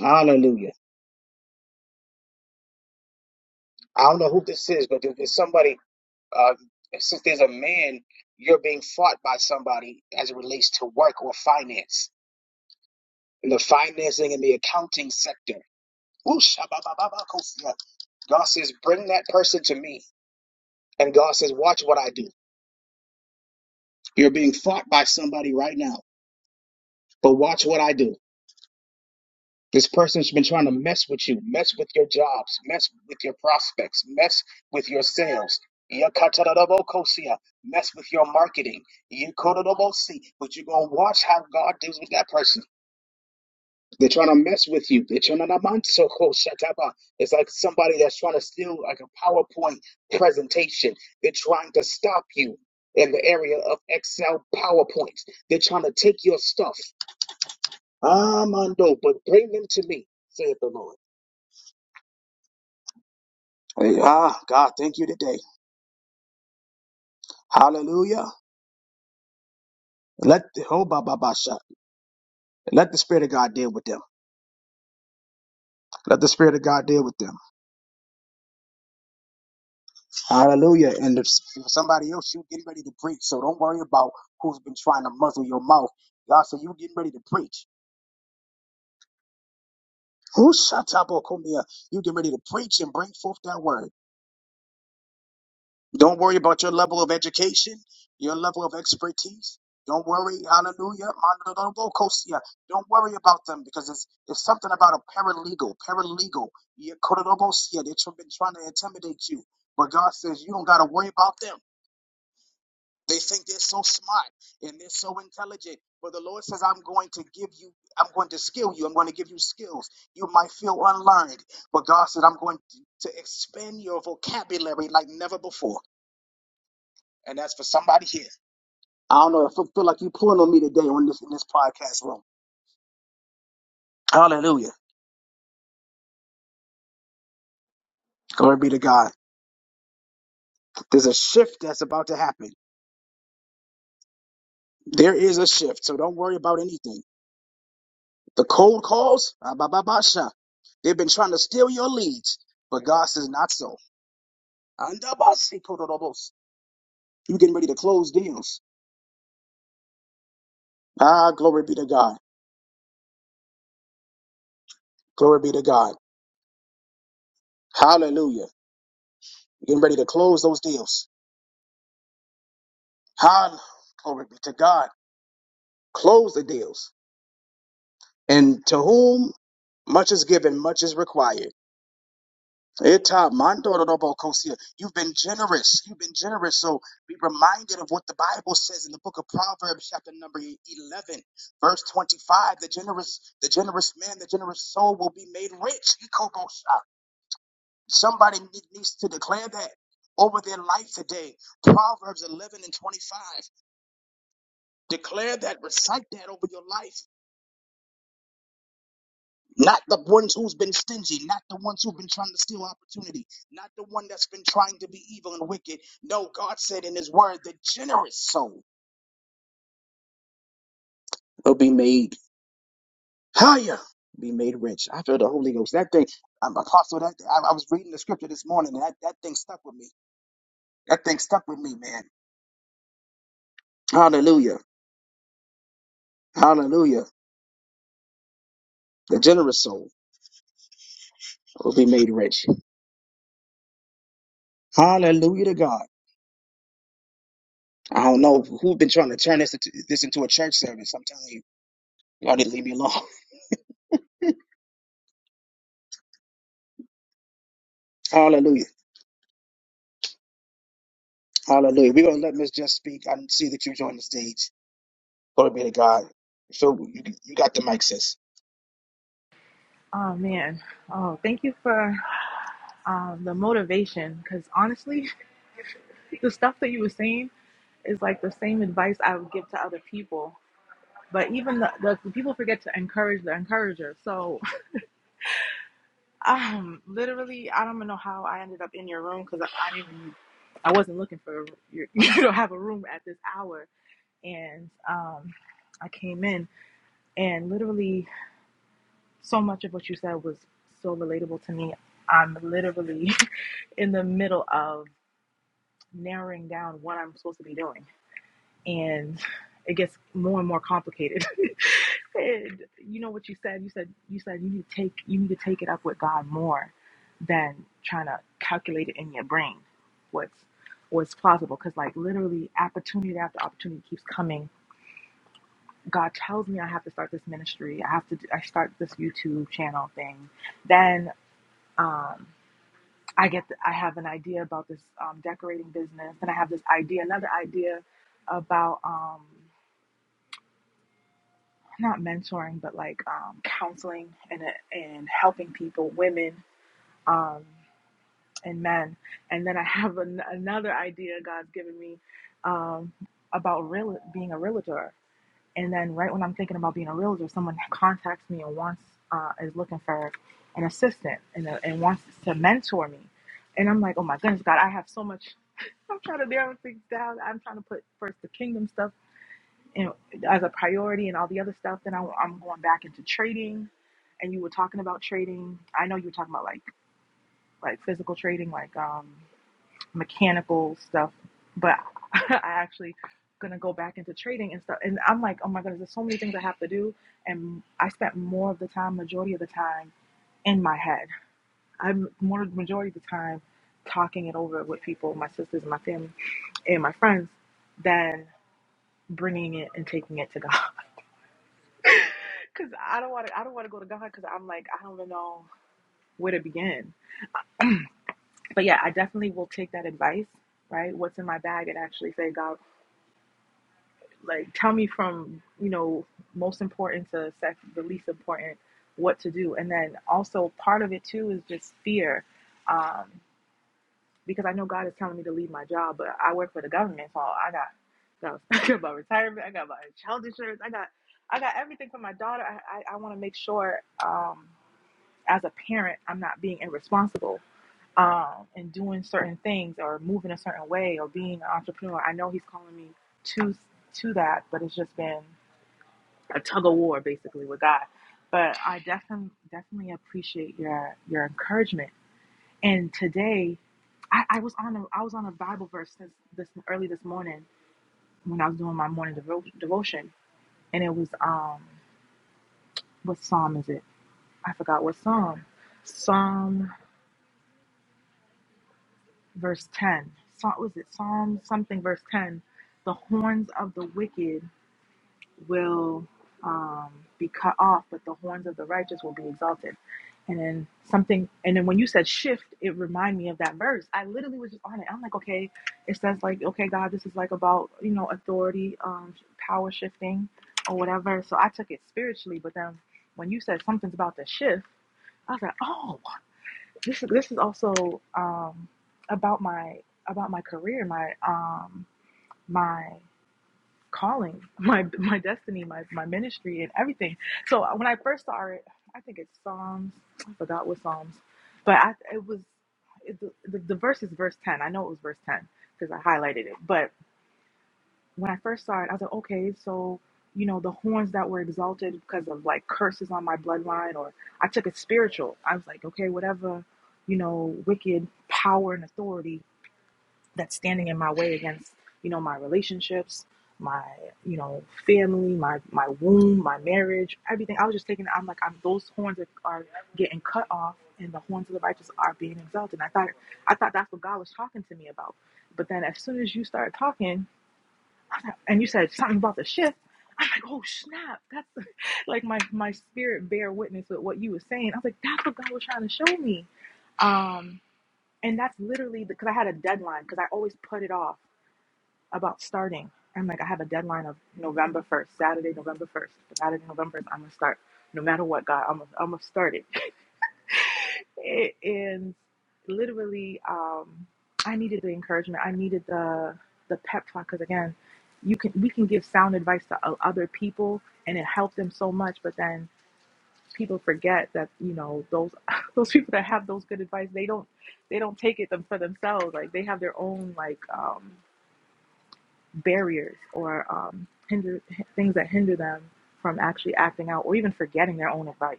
Hallelujah. I don't know who this is, but if there's somebody, uh, since there's a man, you're being fought by somebody as it relates to work or finance, in the financing and the accounting sector. Woo, shababababakosi. God says, bring that person to me. And God says, watch what I do. You're being fought by somebody right now, but watch what I do. This person's been trying to mess with you, mess with your jobs, mess with your prospects, mess with your sales. Yakatarabokosea, Mess with your marketing. Yekorobosi, But you're going to watch how God deals with that person. They're trying to mess with you. They're trying to namansokoshataba. It's like somebody that's trying to steal like a PowerPoint presentation. They're trying to stop you in the area of Excel PowerPoints. They're trying to take your stuff. Ah, Mando, but bring them to me, saith the Lord. Hey, Ah, God, thank you today. Hallelujah. Let the oh, ba, ba, ba, sha. let the Spirit of God deal with them. Let the Spirit of God deal with them. Hallelujah. And if, if somebody else, you getting ready to preach. So don't worry about who's been trying to muzzle your mouth. God said you getting ready to preach. Who shut up, Okumia? You getting ready to preach and bring forth that word. Don't worry about your level of education, your level of expertise. Don't worry, hallelujah, mandodobokosia. Don't worry about them because it's, it's something about a paralegal, paralegal. yeah, kododobosia. They've been trying to intimidate you, but God says you don't got to worry about them. They think they're so smart and they're so intelligent, but the Lord says, I'm going to give you, I'm going to skill you, I'm going to give you skills. You might feel unlearned, but God said, I'm going to expand your vocabulary like never before. And that's for somebody here. I don't know if I feel like you pulling on me today on this in this podcast room. Hallelujah. Glory be to God. There's a shift that's about to happen. There is a shift, so don't worry about anything. The cold calls, ah, ba, ba, ba, sha. they've been trying to steal your leads, but God says not so. Anda, si, kotorobos. you getting ready to close deals. Ah, glory be to God. Glory be to God. Hallelujah. you getting ready to close those deals. Hallelujah. Glory be to God. Close the deals. And to whom? Much is given, much is required. Eta mandorobokosia. You've been generous. You've been generous. So be reminded of what the Bible says in the book of Proverbs, chapter number 11, verse 25. The generous, the generous man, the generous soul will be made rich. Ikobosha. Somebody ne- needs to declare that over their life today. Proverbs 11 and 25. Declare that. Recite that over your life. Not the ones who's been stingy, not the ones who've been trying to steal opportunity, not the one that's been trying to be evil and wicked. No, God said in His Word, the generous soul will be made higher, be made rich. I feel the Holy Ghost. That thing, I'm apostle. That I, I was reading the scripture this morning, and that, that thing stuck with me. That thing stuck with me, man. Hallelujah, Hallelujah. The generous soul will be made rich. Hallelujah to God. I don't know who's been trying to turn this into, this into a church service. I'm telling you, y'all didn't leave me alone. Hallelujah. Hallelujah. We're going to let Miss Just speak. I see that you joined the stage. Glory be to God. So you, you got the mic, sis.
Oh man. Oh, thank you for um, the motivation. Because honestly, the stuff that you were saying is like the same advice I would give to other people. But even the, the, the people forget to encourage the encourager. So, um, literally, I don't even know how I ended up in your room because I, I didn't even I wasn't looking for your, you don't have a room at this hour, and um, I came in, and literally so much of what you said was so relatable to me. I'm literally in the middle of narrowing down what I'm supposed to be doing. And it gets more and more complicated. and you know what you said? You said you said you need to take you need to take it up with God more than trying to calculate it in your brain what's what's plausible. Because like literally opportunity after opportunity keeps coming. God tells me I have to start this ministry. I have to. do- I start this YouTube channel thing. Then um, I get, the, I have an idea about this um, decorating business, and I have this idea, another idea about um, not mentoring, but like um, counseling and uh, and helping people, women um, and men, and then I have an, another idea God's given me um, about real being a realtor. And then right when I'm thinking about being a realtor, someone contacts me and wants uh, is looking for an assistant and, a, and wants to mentor me, and I'm like, oh my goodness, God, I have so much I'm trying to narrow things down. I'm trying to put first the kingdom stuff in, as a priority and all the other stuff. Then I, I'm going back into trading. And you were talking about trading. I know you were talking about like like physical trading, like um, mechanical stuff. But I actually gonna go back into trading and stuff. And I'm like, oh my goodness, there's so many things I have to do. And I spent more of the time, majority of the time, in my head. I'm more majority of the time talking it over with people, my sisters and my family and my friends, than bringing it and taking it to God. Cause I don't want to. I don't want to go to God because I'm like I don't know where to begin. But yeah, I definitely will take that advice. Right, what's in my bag, and actually say, God, like tell me from you know most important to sec- the least important what to do, and then also part of it too is just fear. Um, because I know God is telling me to leave my job, but I work for the government, so I got got, I got my retirement, I got my child insurance, I got I got everything for my daughter. I I, I want to make sure um, as a parent I'm not being irresponsible um, and doing certain things or moving a certain way or being an entrepreneur. I know He's calling me to to that, but it's just been a tug of war basically with God. But I definitely definitely appreciate your your encouragement and today, I, I was on a I was on a Bible verse since this early this morning when I was doing my morning devo- devotion, and it was um what psalm is it? I forgot what psalm. Psalm verse ten. Psalm was it Psalm something verse ten? The horns of the wicked. will um, be cut off, but the horns of the righteous will be exalted. And then something, and then when you said shift, it reminded me of that verse. I literally was just on it. I'm like, okay, it says like, okay, God, this is like about you know authority, um, power shifting, or whatever. So I took it spiritually, but then when you said something's about the shift, I was like, oh, this is this is also um, about my about my career, my um, my calling my my destiny my, my ministry and everything so uh, when i first started i think it's psalms i forgot what psalms but i it was it, the, the verse is verse 10 i know it was verse 10 because i highlighted it but when i first started i was like okay so you know the horns that were exalted because of like curses on my bloodline or i took it spiritual i was like okay whatever you know wicked power and authority that's standing in my way against you know my relationships my you know family my my womb my marriage everything i was just taking. i'm like i'm those horns are, are getting cut off and the horns of the righteous are being exalted and i thought i thought that's what god was talking to me about but then as soon as you started talking and you said something about the shift i'm like oh snap that's like my my spirit bear witness with what you were saying i was like that's what god was trying to show me um and that's literally because i had a deadline because i always put it off about starting. I'm like, I have a deadline of November 1st, Saturday, November 1st. Saturday, November 1st, I'm going to start. No matter what, God, I'm going to I'm going to start it. it. And literally, um, I needed the encouragement. I needed the the pep talk because, again, you can we can give sound advice to o- other people and it helped them so much. But then people forget that, you know, those those people that have those good advice, they don't they don't take it them for themselves. Like they have their own like, um, barriers or um, hinder things that hinder them from actually acting out or even forgetting their own advice.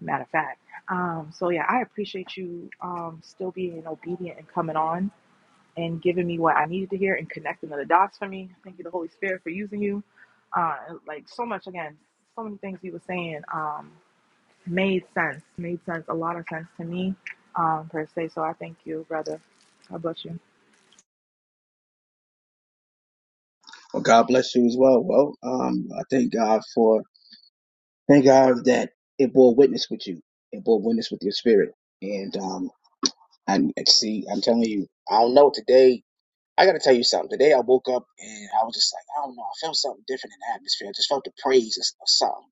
Matter of fact, um, so yeah, I appreciate you um, still being obedient and coming on and giving me what I needed to hear and connecting the dots for me. Thank you, the Holy Spirit, for using you. Uh, like so much again, so many things you were saying um, made sense, made sense, a lot of sense to me um, per se. So I thank you, brother. God bless you.
Well, God bless you as well. Well, um, I thank God for, thank God that it bore witness with you. It bore witness with your spirit. And, um, and and see, I'm telling you, I don't know today. I got to tell you something. Today I woke up and I was just like, I don't know. I felt something different in the atmosphere. I just felt the praise of something.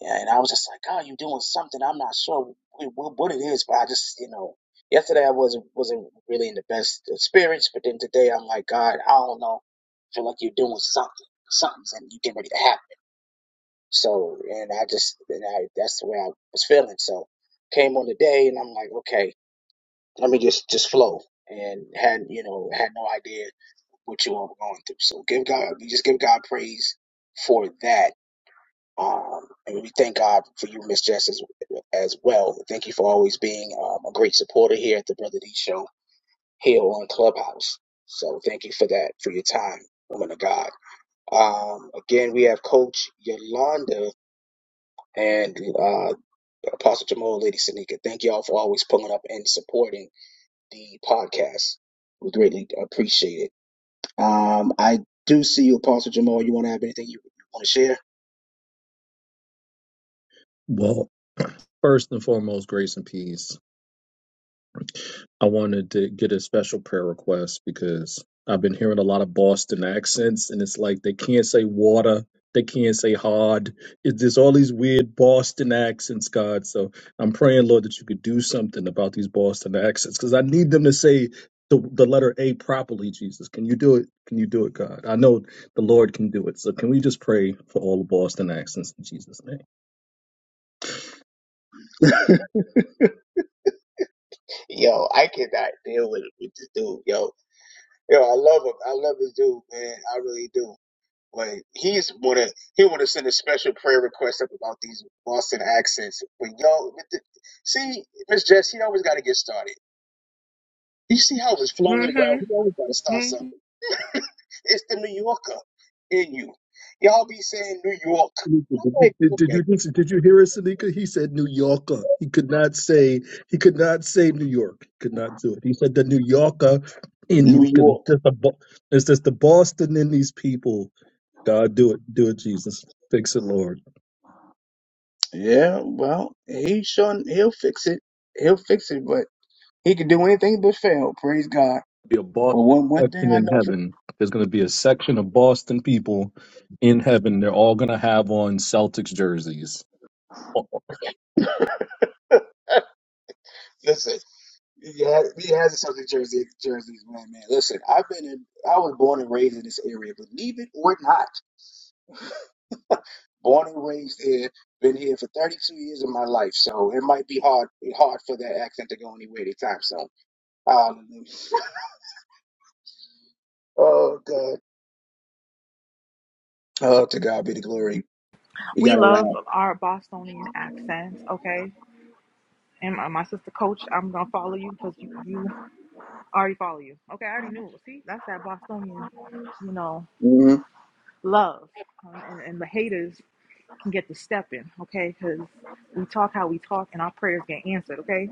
Yeah, and I was just like, oh, you doing something. I'm not sure wh- what it is, but I just, you know, yesterday I wasn't wasn't really in the best of spirits, but then today I'm like, God, I don't know. I feel like you're doing something. Something's and you get ready to happen. So, and I just, and I, that's the way I was feeling. So, came on the day, and I'm like, okay, let me just just flow, and had you know had no idea what you all were going through. So, give God, we just give God praise for that um, and we thank God for you, Miss Jess, as, as well. Thank you for always being um, a great supporter here at the Brother D Show here on Clubhouse. So thank you for that, for your time, woman of God. Um, again, we have Coach Yolanda and uh, Apostle Jamal, Lady Sanika. Thank y'all for always pulling up and supporting the podcast. We greatly appreciate it. Um, I do see you, Apostle Jamal. You want to have anything you want to share?
Well, first and foremost, grace and peace. I wanted to get a special prayer request because I've been hearing a lot of Boston accents, and it's like they can't say water, they can't say hard. It's just all these weird Boston accents, God. So I'm praying, Lord, that you could do something about these Boston accents because I need them to say the, the letter A properly, Jesus. Can you do it? Can you do it, God? I know the Lord can do it. So can we just pray for all the Boston accents in Jesus' name?
Yo, I cannot deal with, with this dude. Yo, Yo, I love him. I love this dude, man. I really do. Like he's wanna he wanna send a special prayer request up about these Boston accents. But yo, with the- see, Miss Jess, he always gotta get started. You see how it's flowing well,
Mhm.
he always gotta start
Mhm.
something. It's the New Yorker in you. Y'all be saying New York.
Did,
I'm like,
did, did
okay,
you just, did you hear it, Sanika? He said New Yorker. He could not say he could not say New York. He could not do it. He said the New Yorker in
New
you. 'cause It's
York.
just, the Bo- it's just the Boston in these people. God, do it, do it, Jesus, fix it, Lord.
Yeah, well, he sure he'll fix it. He'll fix it, but he can do anything but fail. Praise God.
Be a
But
Boston
one one thing
section
I
in
know for
heaven. There's going to be a section of Boston people in heaven. They're all going to have on Celtics jerseys.
listen. He has, he has a Celtics jersey. Jerseys, man, man. Listen, I've been in, I was born and raised in this area, believe it or not. Born and raised here, been here for 32 years of my life, so it might be hard, hard for that accent to go anywhere anytime soon. Hallelujah. Oh God. Oh, to God be the glory. You
We
gotta
love
laugh.
our Bostonian accents, okay? And my, my sister coach, I'm gonna follow you because you, you I already follow you. Okay, I already knew. See, that's that Bostonian, you know,
Mhm.
love. Um, and, and the haters can get the step in, okay? Because we talk how we talk and our prayers get answered, okay?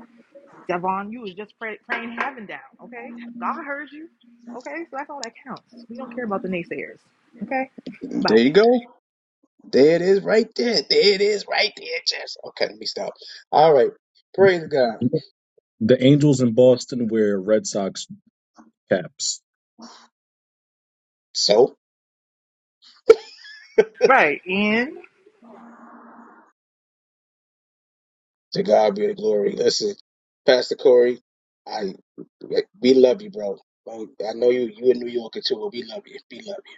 Devon, you was just pray, praying heaven down, okay? God heard you, okay? So that's all that counts. We don't care about the naysayers, okay?
There
Bye.
you go. There it is, right there. There it is, right there, Jess. Okay, let me stop. All right. Praise God.
The Angels in Boston wear Red Sox caps.
So.
Right, and
To God be the glory. Listen, Pastor Corey, I we love you, bro. Like, I know you you in New Yorker too, but we love you. We love you.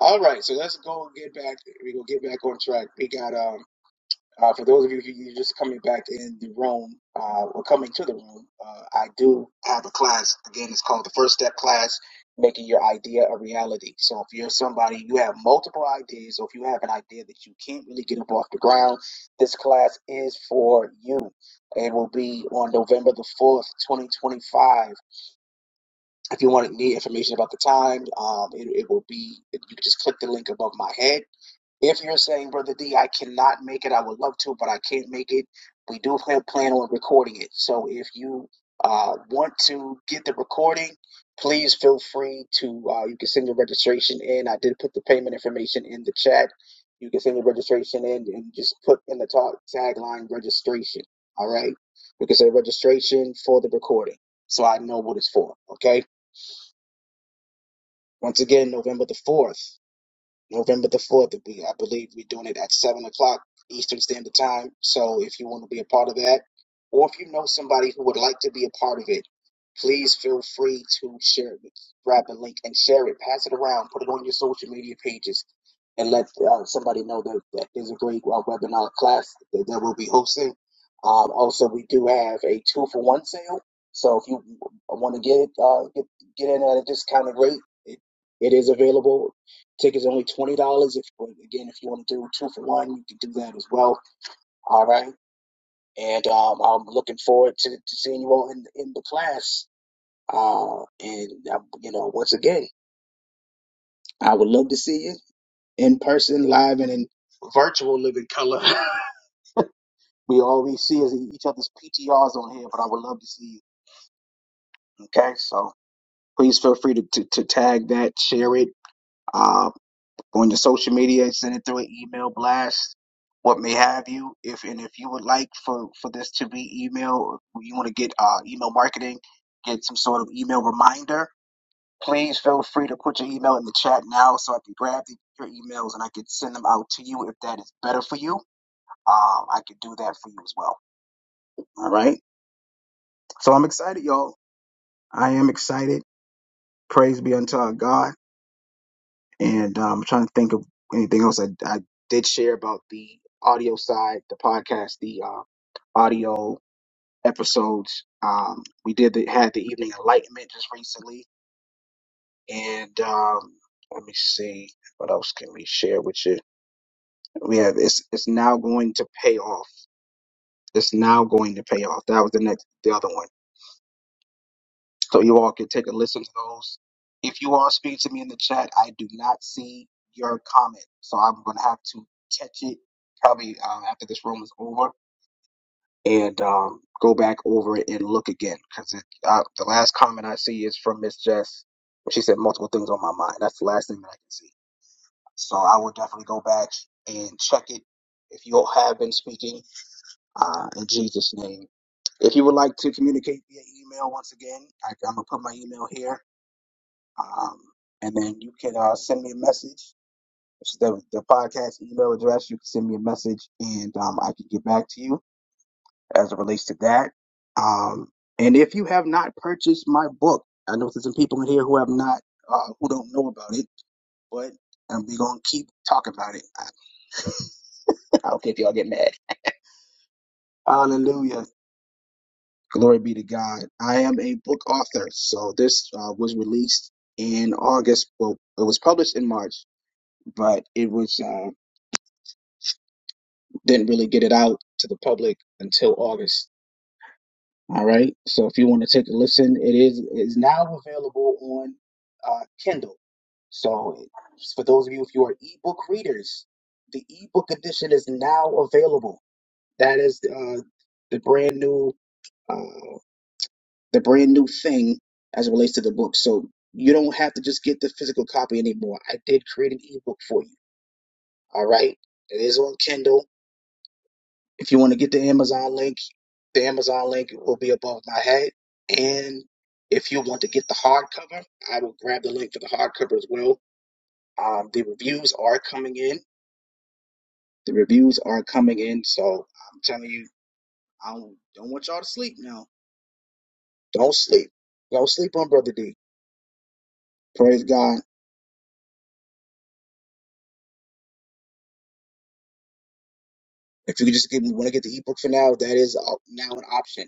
All right, so let's go and get back. We gonna get back on track. We got um. Uh, for those of you who are just coming back in the room uh, or coming to the room, uh, I do have a class. Again, it's called the First Step Class, Making Your Idea a Reality. So if you're somebody, you have multiple ideas, or if you have an idea that you can't really get up off the ground, this class is for you. It will be on November the 4th, 2025. If you want to need information about the time, um, it, it will be, you can just click the link above my head if you're saying, Brother D, I cannot make it, I would love to, but I can't make it, we do plan, plan on recording it. So if you uh, want to get the recording, please feel free to, uh, you can send your registration in. I did put the payment information in the chat. You can send your registration in and just put in the talk tagline registration. All right. You can say registration for the recording so I know what it's for. Okay. Once again, November the 4th. November the 4th, we I believe we're doing it at 7 o'clock Eastern Standard Time. So if you want to be a part of that, or if you know somebody who would like to be a part of it, please feel free to share it. Grab the link and share it. Pass it around. Put it on your social media pages and let uh, somebody know that, that there's a great uh, webinar class that, that we'll be hosting. Um, also, we do have a two for one sale. So if you want to get it, uh, get, get in at a discounted rate, it, it is available. Tickets are only twenty dollars. If again, if you want to do two for one, you can do that as well. All right, and um, I'm looking forward to, to seeing you all in in the class. Uh, and uh, you know, once again, I would love to see you in person, live, and in virtual living color. we always see is each other's PTRs on here, but I would love to see you. Okay, so please feel free to to, to tag that, share it. Uh, on your social media and send it through an email blast, what may have you. If and if you would like for for this to be email, you want to get uh, email marketing, get some sort of email reminder. Please feel free to put your email in the chat now, so I can grab the, your emails and I can send them out to you if that is better for you. Um, I could do that for you as well. All right. So I'm excited, y'all. I am excited. Praise be unto our God. And um, I'm trying to think of anything else I, I did share about the audio side, the podcast, the uh, audio episodes. Um, we did the, had the evening enlightenment just recently, and um, let me see what else can we share with you. We have it's it's now going to pay off. It's now going to pay off. That was the next the other one so you all can take a listen to those. If you all speak to me in the chat, I do not see your comment, so I'm gonna have to catch it probably uh, after this room is over and um, go back over it and look again because uh, the last comment I see is from Miss Jess. She said multiple things on my mind. That's the last thing that I can see. So I will definitely go back and check it if you all have been speaking uh, in Jesus' name. If you would like to communicate via email once again, I, I'm gonna put my email here um, and then you can uh, send me a message. It's the, the podcast email address. You can send me a message and um, I can get back to you as it relates to that. Um, and if you have not purchased my book, I know there's some people in here who have not, uh, who don't know about it, but um, we're going to keep talking about it. I don't care if y'all get mad. Hallelujah. Glory be to God. I am a book author. So this uh, was released in August. Well, it was published in March, but it was. uh, Didn't really get it out to the public until August. All right. So if you want to take a listen, it is is now available on uh, Kindle. So for those of you, if you are ebook readers, the ebook edition is now available. That is uh, the brand new uh, the brand new thing as it relates to the book. So you don't have to just get the physical copy anymore. I did create an ebook for you. All right. It is on Kindle. If you want to get the Amazon link, The Amazon link will be above my head. And if you want to get the hardcover, I will grab the link for the hardcover as well. Um, the reviews are coming in. The reviews are coming in. So I'm telling you, I don't, don't want y'all to sleep now. Don't sleep. Don't sleep on Brother D. Praise God. If you could just get, want to get the ebook for now, that is uh, now an option.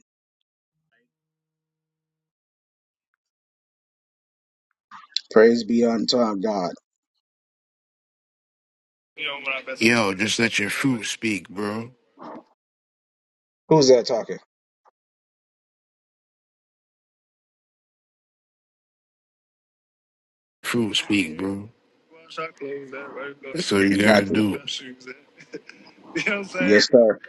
Praise be unto our God.
Yo, just let your fruit speak, bro.
Who's that talking?
Fruit speak, bro. That's all you
Got
gotta
you.
do.
Yes, sir.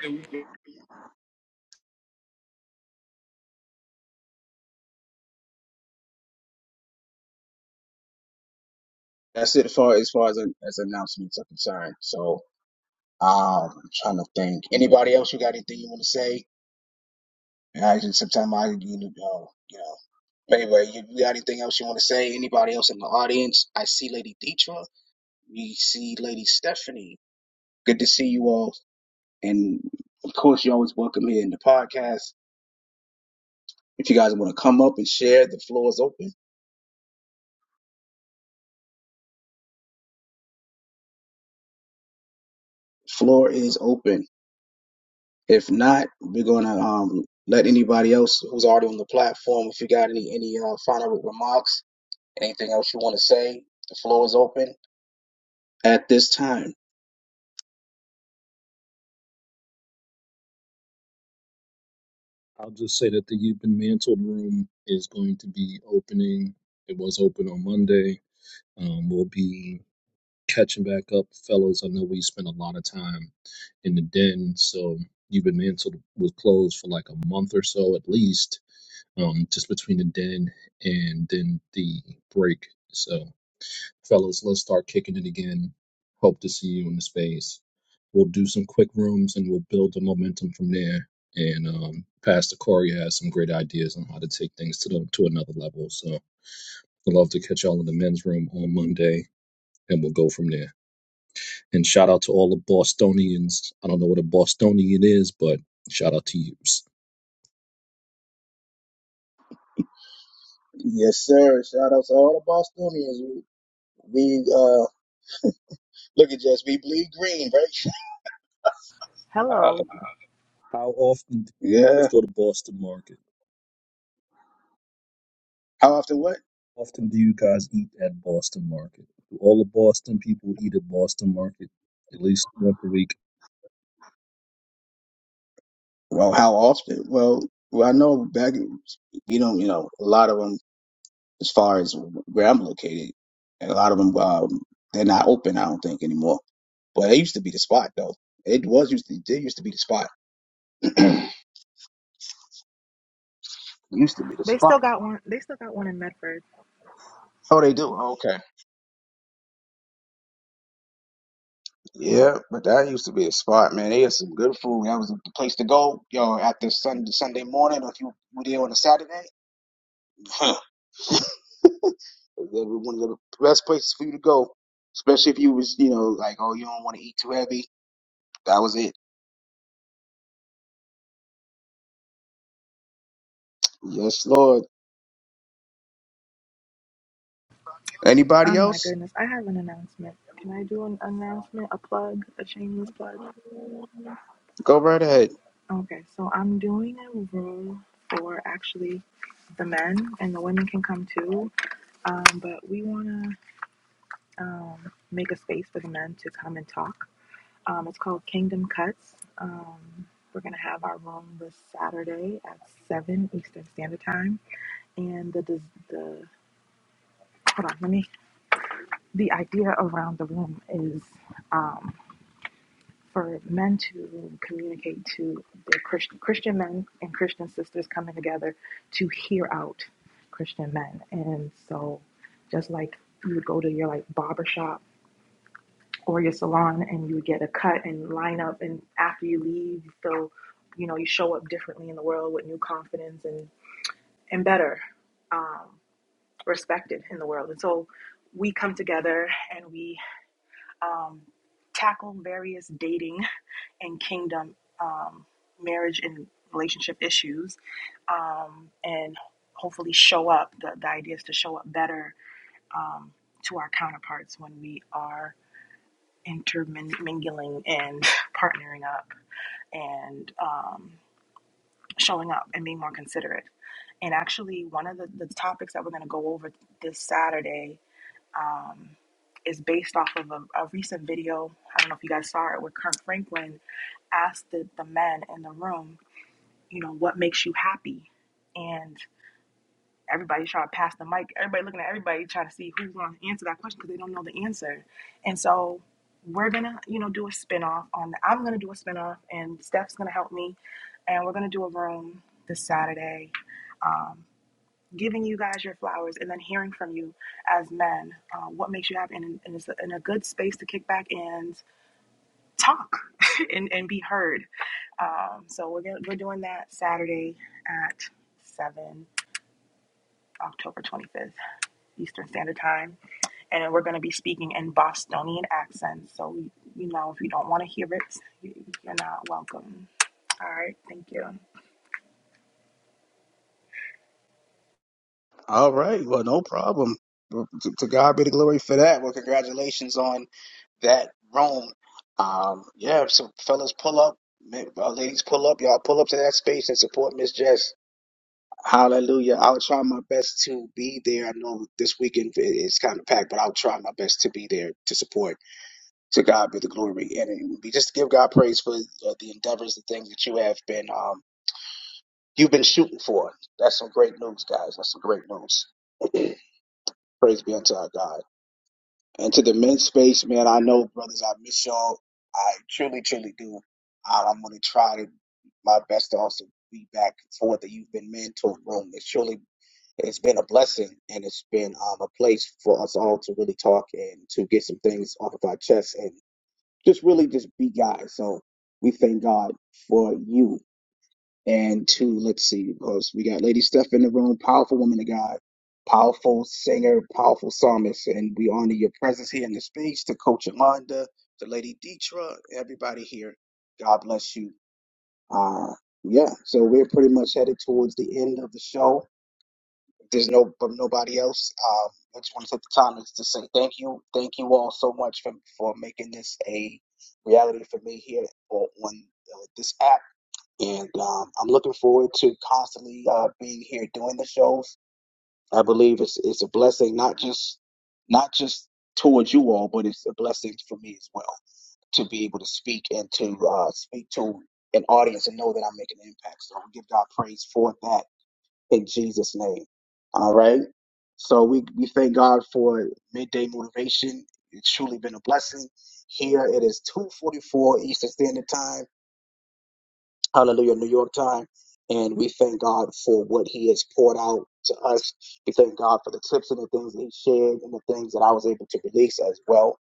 That's it as far as far as, as announcements are concerned. So Um, I'm trying to think. Anybody else? You got anything you want to say? And I just sometimes I you know you know. But anyway, you, you got anything else you want to say? Anybody else in the audience? I see Lady Deetra. We see Lady Stephanie. Good to see you all. And of course, you're always welcome here in the podcast. If you guys want to come up and share, the floor is open. Floor is open. If not, we're gonna um let anybody else who's already on the platform. If you got any any uh, final remarks Anything else you want to say? The floor is open at this time.
I'll just say that the You've Been Mantled room is going to be opening. It was open on Monday. Um, we'll be catching back up, fellows. I know we spent a lot of time in the den, so You've Been Mantled was closed for like a month or so at least, um, just between the den and then the break. So fellas, let's start kicking it again. Hope to see you in the space. We'll do some quick rooms and we'll build the momentum from there. And um, Pastor Corey has some great ideas on how to take things to the, to another level. So I'd love to catch y'all in the men's room on Monday, and we'll go from there. And shout out to all the Bostonians. I don't know what a Bostonian is, but shout out to you.
hello.
How often do you guys
Yeah.
go to Boston Market?
How often? What?
How often do you guys eat at Boston Market? Do all the Boston people eat at Boston Market at least once a week?
Well, how often? Well, well, I know back. You know, you know, a lot of them, as far as where I'm located, and a lot of them, um, they're not open. I don't think anymore. But it used to be the spot, though. It was used to. It used to be the spot. It used to be the
They still
spot.
got one. They still got one in Medford.
Oh, they do. Okay. Yeah, but that used to be a spot, man. They had some good food. That was the place to go, yo. After Sunday Sunday morning, or if you were there on a Saturday, They were one of the best places for you to go, especially if you was, you know, like, oh, you don't want to eat too heavy. That was it. Yes, Lord. Anybody
Oh my
else?
goodness, I have an announcement. Can I do an announcement? A plug? A shameless plug?
Go right ahead.
Okay, so I'm doing a room for actually the men, and the women can come too. Um, but we want to um, make a space for the men to come and talk. Um, it's called Kingdom Cuts. Um, we're going to have our room this Saturday at 7 Eastern Standard Time. And the, the, the hold on, let me, the idea around the room is. um, for men to communicate to their Christian, Christian men and Christian sisters coming together to hear out Christian men. And so, just like you would go to your like barber shop or your salon and you would get a cut and line up, and after you leave, you feel, you know, you show up differently in the world with new confidence and and better um, respected in the world. And so, we come together and we um, tackle various dating and kingdom um, marriage and relationship issues um, and hopefully show up the, the idea is to show up better um, to our counterparts when we are intermingling and partnering up and um, showing up and being more considerate and actually one of the, the topics that we're going to go over this saturday um, is based off of a, a recent video i don't know if you guys saw it where Kirk franklin asked the, the men in the room you know, what makes you happy. And everybody's trying to pass the mic. Everybody looking at everybody trying to see who's going to answer that question because they don't know the answer. And so we're going to, you know, do a spinoff on the, I'm going to do a spinoff and Steph's going to help me. And we're going to do a room this Saturday, um, giving you guys your flowers and then hearing from you as men, uh, what makes you happy. And, and it's in a good space to kick back and talk and, and be heard. Um, so we're gonna, we're doing that Saturday at seven, October twenty fifth, Eastern Standard Time, and then we're gonna be speaking in Bostonian accents. So you know, if you don't want to hear it, you- you're not welcome. All right, thank you.
All right. Well, no problem. To, to God be the glory for that. Well, congratulations on that Rome. Um, yeah. So, fellas, pull up. Ma- uh, Ladies, pull up. Y'all pull up to that space and support Miss Jess. Hallelujah. I'll try my best to be there. I know this weekend i- is kind of packed, but I'll try my best to be there to support. To God be the glory, and we just give God praise for uh, the endeavors the things that you have been um you've been shooting for. That's some great news, guys. That's some great news. praise be unto our God. And to the men's space, man, I know brothers, I miss y'all. I truly, truly do. I, I'm gonna try to my best to also be back for the you've been mentored room. It's surely, it's been a blessing and it's been um, a place for us all to really talk and to get some things off of our chests just really just be guys. So we thank God for you. And two, let's see, because we got Lady Steph in the room, powerful woman of God, powerful singer, powerful psalmist, and we honor your presence here in the space. To Coach Amanda, to Lady Deetra, everybody here, God bless you. Uh, yeah, so we're pretty much headed towards the end of the show there's no from nobody else. Um, I just want to take the time to say thank you, thank you all so much for for making this a reality for me here on, on uh, this app, and um, I'm looking forward to constantly uh, being here doing the shows. I believe it's it's a blessing, not just not just towards you all, but it's a blessing for me as well to be able to speak and to uh, speak to an audience and know that I'm making an impact. So I give God praise for that in Jesus' name. All right. So we, we thank God for midday motivation. It's truly been a blessing. Here it is 244 Eastern Standard Time. Hallelujah, New York time. And we thank God for what he has poured out to us. We thank God for the tips and the things that he shared and the things that I was able to release as well.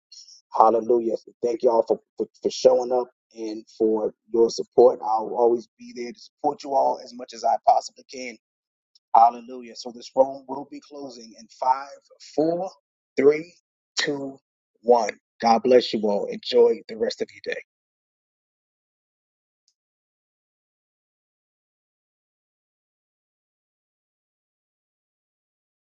Hallelujah. So thank y'all for, for, for showing up and for your support. I'll always be there to support you all as much as I possibly can Hallelujah. So this room will be closing in five, four, three, two, one. God bless you all. Enjoy the rest of your day.